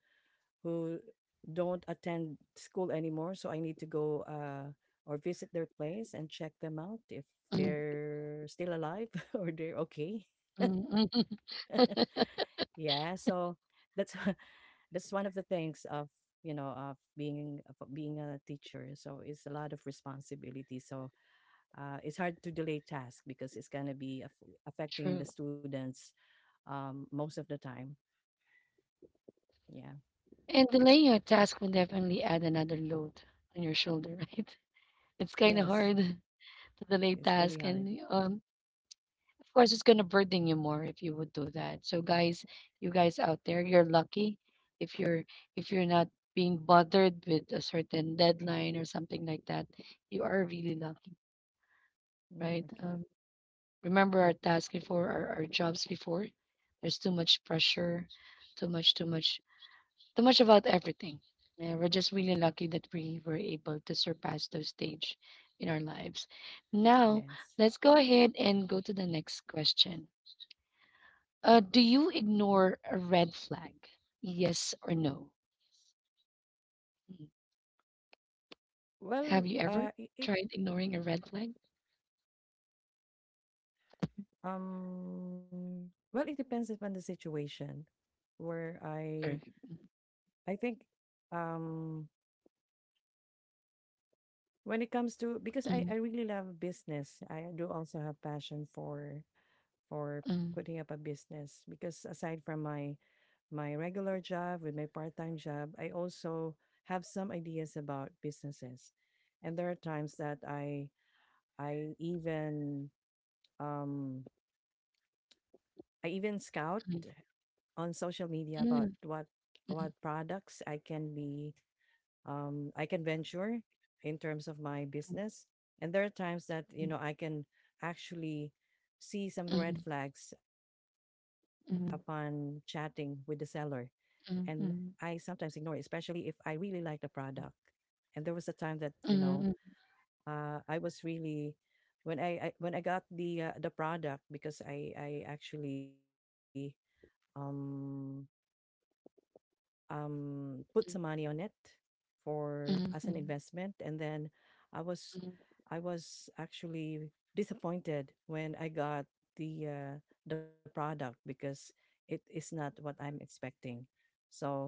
Speaker 2: who don't attend school anymore, so I need to go uh or visit their place and check them out if
Speaker 1: mm,
Speaker 2: they're still alive or they're okay.
Speaker 1: mm, mm.
Speaker 2: Yeah, so that's that's one of the things of you know of being of being a teacher. So it's a lot of responsibility, so uh, it's hard to delay tasks because it's going to be aff affecting
Speaker 1: True.
Speaker 2: the students um, most of the time. Yeah.
Speaker 1: And delaying your task will definitely add another load on your shoulder, right? It's kind of
Speaker 2: Yes.
Speaker 1: hard to delay
Speaker 2: It's really
Speaker 1: task,
Speaker 2: hard.
Speaker 1: and um, of course, it's gonna burden you more if you would do that. So, guys, you guys out there, you're lucky if you're if you're not being bothered with a certain deadline or something like that. You are really lucky,
Speaker 2: Mm,
Speaker 1: right?
Speaker 2: okay.
Speaker 1: Um, remember our task before, our, our jobs before. There's too much pressure, too much, too much. Too much about everything. Yeah, we're just really lucky that we were able to surpass those stage in our lives. Now
Speaker 2: Yes.
Speaker 1: let's go ahead and go to the next question. Ah, do you ignore a red flag? Yes or no? Mm.
Speaker 2: Well,
Speaker 1: Have
Speaker 2: uh,
Speaker 1: you
Speaker 2: it,
Speaker 1: ever
Speaker 2: it
Speaker 1: tried ignoring a red flag?
Speaker 2: um well it depends upon the situation where
Speaker 1: Correct.
Speaker 2: I. I think um when it comes to, because
Speaker 1: Mm,
Speaker 2: I I really love business. I do also have passion for for
Speaker 1: mm,
Speaker 2: putting up a business, because aside from my my regular job, with my part time job, I also have some ideas about businesses. And there are times that I I even um, I even scout
Speaker 1: mm,
Speaker 2: on social media about
Speaker 1: mm,
Speaker 2: what
Speaker 1: mm,
Speaker 2: what products I can be, um, I can venture in terms of my business. And there are times that, you know, I can actually see some
Speaker 1: mm, mm,
Speaker 2: red
Speaker 1: mm,
Speaker 2: flags upon chatting with the seller, and I sometimes
Speaker 1: mm,
Speaker 2: ignore it, especially if I really like the product. And there was a time that, you know,
Speaker 1: mm, mm,
Speaker 2: uh, I was really when I, I when I got the uh, the product, because I I actually um um put some money on it
Speaker 1: mm, mm,
Speaker 2: for
Speaker 1: mm,
Speaker 2: as
Speaker 1: mm,
Speaker 2: an
Speaker 1: mm,
Speaker 2: investment, and then I was, I was actually disappointed when I got the uh, the product because it is not what I'm expecting. So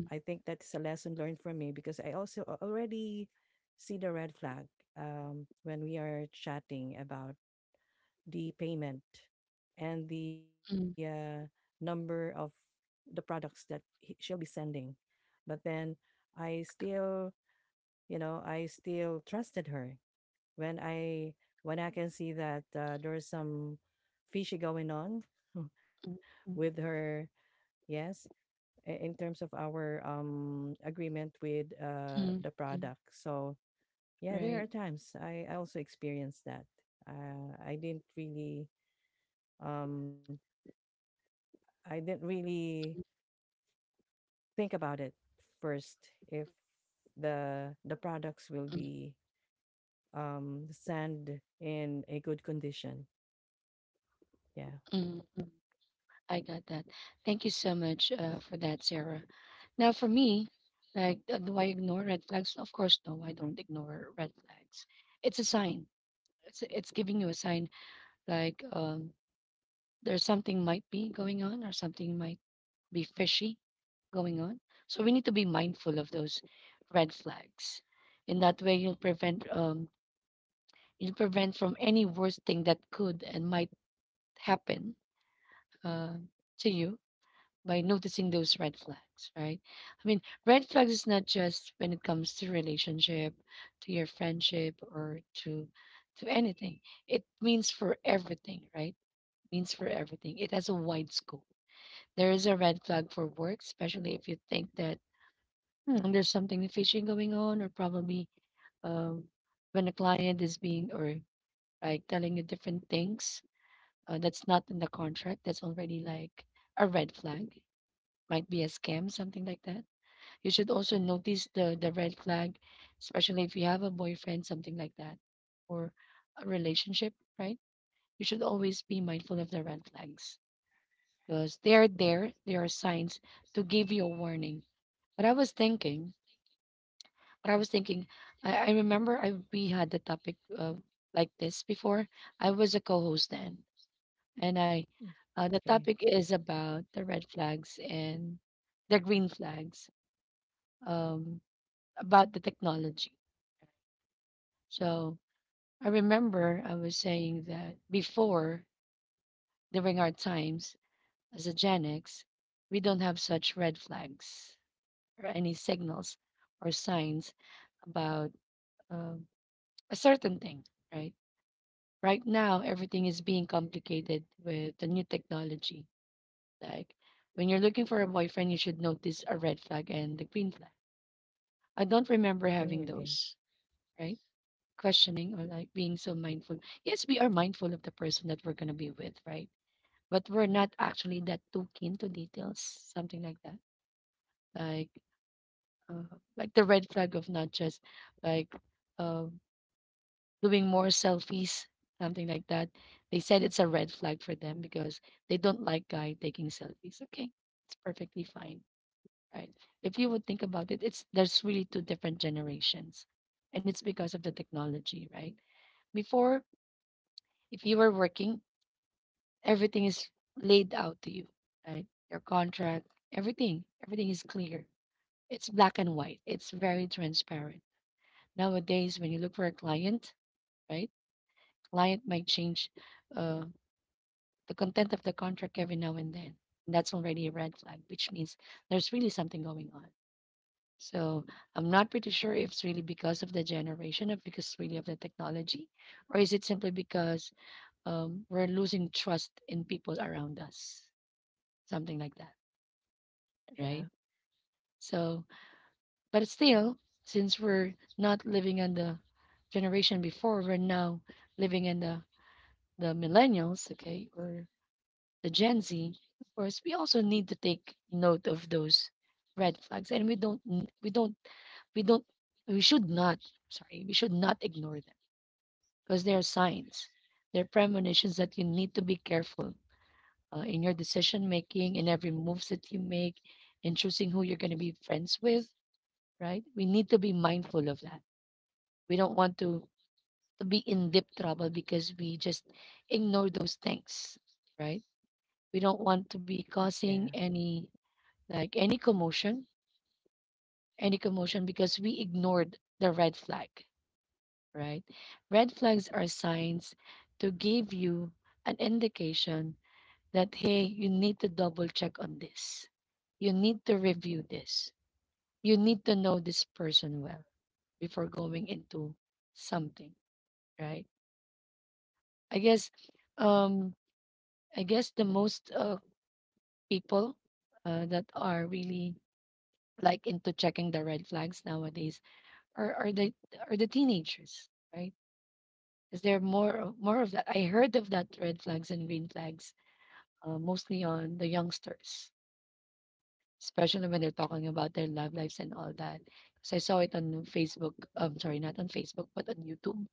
Speaker 2: I think that's a lesson learned from me because I also a- already see the red flag um, when we are chatting about the payment and the uh, number of the products that he, she'll be sending. But then I still, you know, I still trusted her when I, when I can see that uh, there's some fishy going on with
Speaker 1: mm, mm,
Speaker 2: her. Yes, i- in terms of our um agreement with uh the
Speaker 1: mm, mm,
Speaker 2: product. So yeah, there are
Speaker 1: right.
Speaker 2: times I, I also experienced that. Uh, I didn't really um I didn't really think about it first if the the products will
Speaker 1: Mm,
Speaker 2: be, um sand in a good condition. Yeah.
Speaker 1: mm. I got that. Thank you so much uh, for that, Sarah. Now, for me, like, uh, do I ignore red flags? Of course, no, I don't ignore red flags. It's a sign. It's it's giving you a sign, like um, there's something might be going on or something might be fishy going on. So we need to be mindful of those red flags. In that way, you'll prevent um, you'll prevent from any worst thing that could and might happen uh, to you by noticing those red flags, right? I mean, red flags is not just when it comes to relationship, to your friendship, or to to anything. It means for everything, right? Means for everything. It has a wide scope. There is a red flag for work, especially if you think that hmm, there's something fishy going on, or probably um, when a client is being or like telling you different things uh, that's not in the contract. That's already like a red flag. Might be a scam, something like that. You should also notice the the red flag, especially if you have a boyfriend, something like that, or a relationship, right? You should always be mindful of the red flags because they are there. They are signs to give you a warning. But I was thinking, but I was thinking, I, I remember I we had the topic uh, like this before. I was a co-host then, and I uh,
Speaker 2: Okay.
Speaker 1: the topic is about the red flags and the green flags um, about the technology. So I remember I was saying that before, during our times as a Gen X, we don't have such red flags or any signals or signs about um, a certain thing, right? Right now, everything is being complicated with the new technology. Like when you're looking for a boyfriend, you should notice a red flag and the green flag. I don't
Speaker 2: Mm,
Speaker 1: remember
Speaker 2: okay.
Speaker 1: having those, right? Questioning or like being so mindful. Yes, we are mindful of the person that we're going to be with, right? But we're not actually that too keen to details, something like that. Like, uh, like the red flag of not just like uh, doing more selfies, something like that. They said it's a red flag for them because they don't like guy taking selfies. Okay, it's perfectly fine, right? If you would think about it, it's there's really two different generations, and it's because of the technology, right? Before, if you were working, everything is laid out to you, right? Your contract, everything, everything is clear. It's black and white. It's very transparent. Nowadays, when you look for a client, right? Client might change uh, the content of the contract every now and then. That's already a red flag, which means there's really something going on. So I'm not pretty sure if it's really because of the generation or because really of the technology, or is it simply because um, we're losing trust in people around us, something like that.
Speaker 2: Yeah.
Speaker 1: Right? So, but still, since we're not living on the generation before, we're now living in the the millennials, okay, or the Gen Z. Of course, we also need to take note of those red flags, and we don't, n- we don't, we don't, we should not. Sorry, we should not ignore them because they are signs, they're premonitions that you need to be careful uh, in your decision making, in every moves that you make, in choosing who you're going to be friends with, right? We need to be mindful of that. We don't want to, to be in deep trouble because we just ignore those things, right? We don't want
Speaker 2: Yeah.
Speaker 1: to be causing any like any commotion, any commotion because we ignored the red flag, right? Red flags are signs to give you an indication that hey, you need to double check on this. You need to review this. You need to know this person well before going into something, right? I guess, um, I guess the most uh, people uh, that are really like into checking the red flags nowadays are are the are the teenagers, right? Because there are more of- more of that. I heard of that red flags and green flags uh, mostly on the youngsters, especially when they're talking about their love lives and all that. So I saw it on Facebook. Um, sorry, not on Facebook, but on YouTube.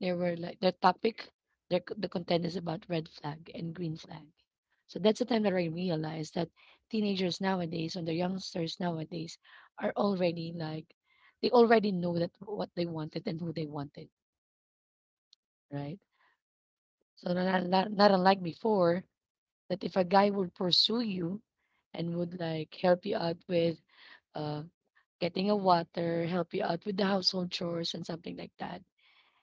Speaker 1: There were like their topic, their c- the content is about red flag and green flag. So that's the time that I realized that teenagers nowadays and the youngsters nowadays are already like they already know that what they wanted and who they wanted, right? So not not, not unlike before that if a guy would pursue you and would like help you out with uh, getting a water, help you out with the household chores and something like that.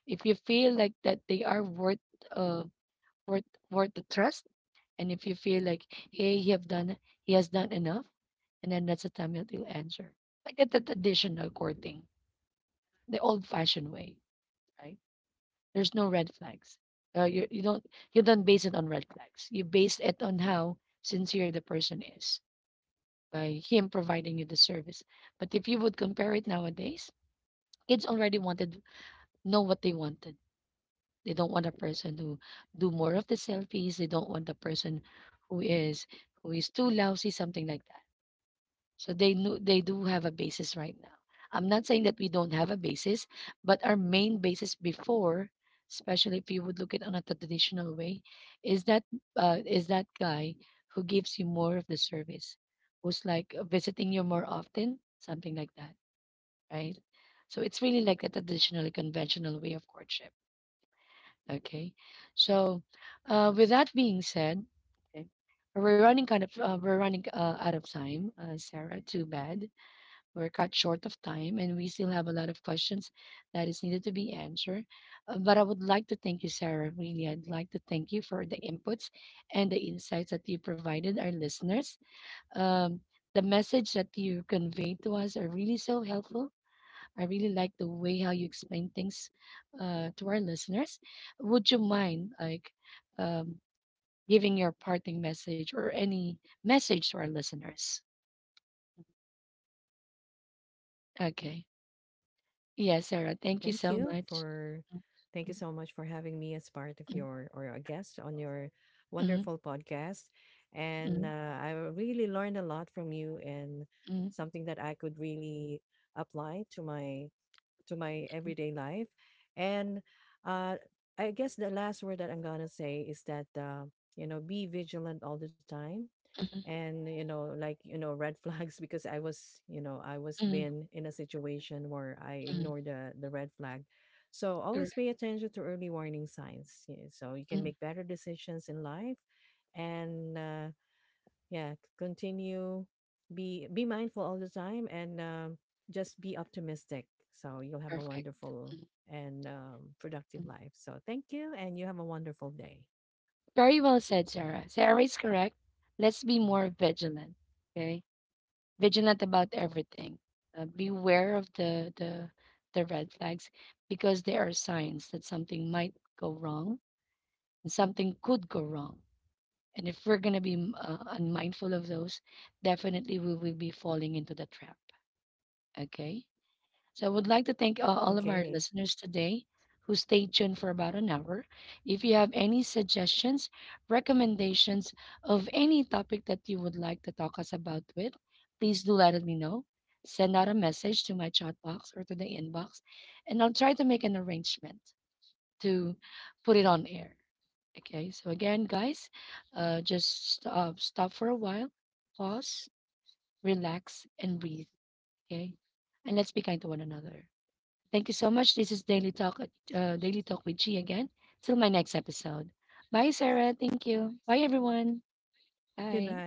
Speaker 1: If you feel like that they are worth uh, worth worth the trust. And if you feel like, hey, he have done he has done enough, and then that's the time that you answer. Like at the traditional courting, the old fashioned way, right? There's no red flags. Uh, you you don't you don't base it on red flags. You base it on how sincere the person is by him providing you the service. But if you would compare it nowadays, kids already wanted know what they wanted. They don't want a person who do more of the selfies. They don't want the person who is who is too lousy, something like that. So they know they do have a basis right now. I'm not saying that we don't have a basis, but our main basis before, especially if you would look at on a traditional way, is that uh, is that guy who gives you more of the service, who's like uh, visiting you more often, something like that, right? So it's really like a traditional, conventional way of courtship. Okay. So, uh, with that being said, okay, we're running kind of uh, we're running uh, out of time, uh, Sarah. Too bad we're cut short of time, and we still have a lot of questions that is needed to be answered. Uh, but I would like to thank you, Sarah. Really, I'd like to thank you for the inputs and the insights that you provided our listeners. Um, the message that you conveyed to us are really so helpful. I really like the way how you explain things uh, to our listeners. Would you mind like um, giving your parting message or any message to our listeners? Okay. Yeah, Sarah, thank you
Speaker 2: Thank
Speaker 1: so
Speaker 2: you
Speaker 1: much.
Speaker 2: for
Speaker 1: Mm,
Speaker 2: thank you so much for having me as part of your or a guest on your
Speaker 1: mm,
Speaker 2: wonderful podcast. And
Speaker 1: mm,
Speaker 2: uh, I really learned a lot from you, and
Speaker 1: mm,
Speaker 2: something that I could really apply to my, to my
Speaker 1: mm,
Speaker 2: everyday life. And uh, I guess the last word that I'm gonna say is that, uh, you know, be vigilant all the time,
Speaker 1: mm,
Speaker 2: and you know, like, you know, red flags, because I was, you know, I was
Speaker 1: mm,
Speaker 2: been in a situation where I
Speaker 1: mm,
Speaker 2: ignored the the red flag. So always
Speaker 1: correct.
Speaker 2: pay attention to early warning signs, yeah, so you can
Speaker 1: Mm,
Speaker 2: make better decisions in life. And uh, yeah, c- continue, be be mindful all the time, and um, just be optimistic, so you'll have a
Speaker 1: perfect.
Speaker 2: wonderful
Speaker 1: Mm,
Speaker 2: and, um,
Speaker 1: mm.
Speaker 2: productive life. So thank you, and you have a wonderful day.
Speaker 1: Very well said, Sarah. Sarah is correct. Let's be more vigilant. Okay, vigilant about everything. Uh, beware of the, the the red flags because they are signs that something might go wrong and something could go wrong. And if we're gonna be m- uh, unmindful of those, definitely we will be falling into the trap. Okay. So I would like to thank uh, all of
Speaker 2: Okay,
Speaker 1: our listeners today who stayed tuned for about an hour. If you have any suggestions, recommendations of any topic that you would like to talk us about with, please do let me know. Send out a message to my chat box or to the inbox, and I'll try to make an arrangement to put it on air. Okay, so again, guys, uh, just st- uh, stop for a while, pause, relax, and breathe. Okay, and let's be kind to one another. Thank you so much. This is Daily Talk, uh, Daily Talk with G again. Till my next episode. Bye, Sarah. Thank you. Bye, everyone.
Speaker 2: goodbye.
Speaker 1: Bye.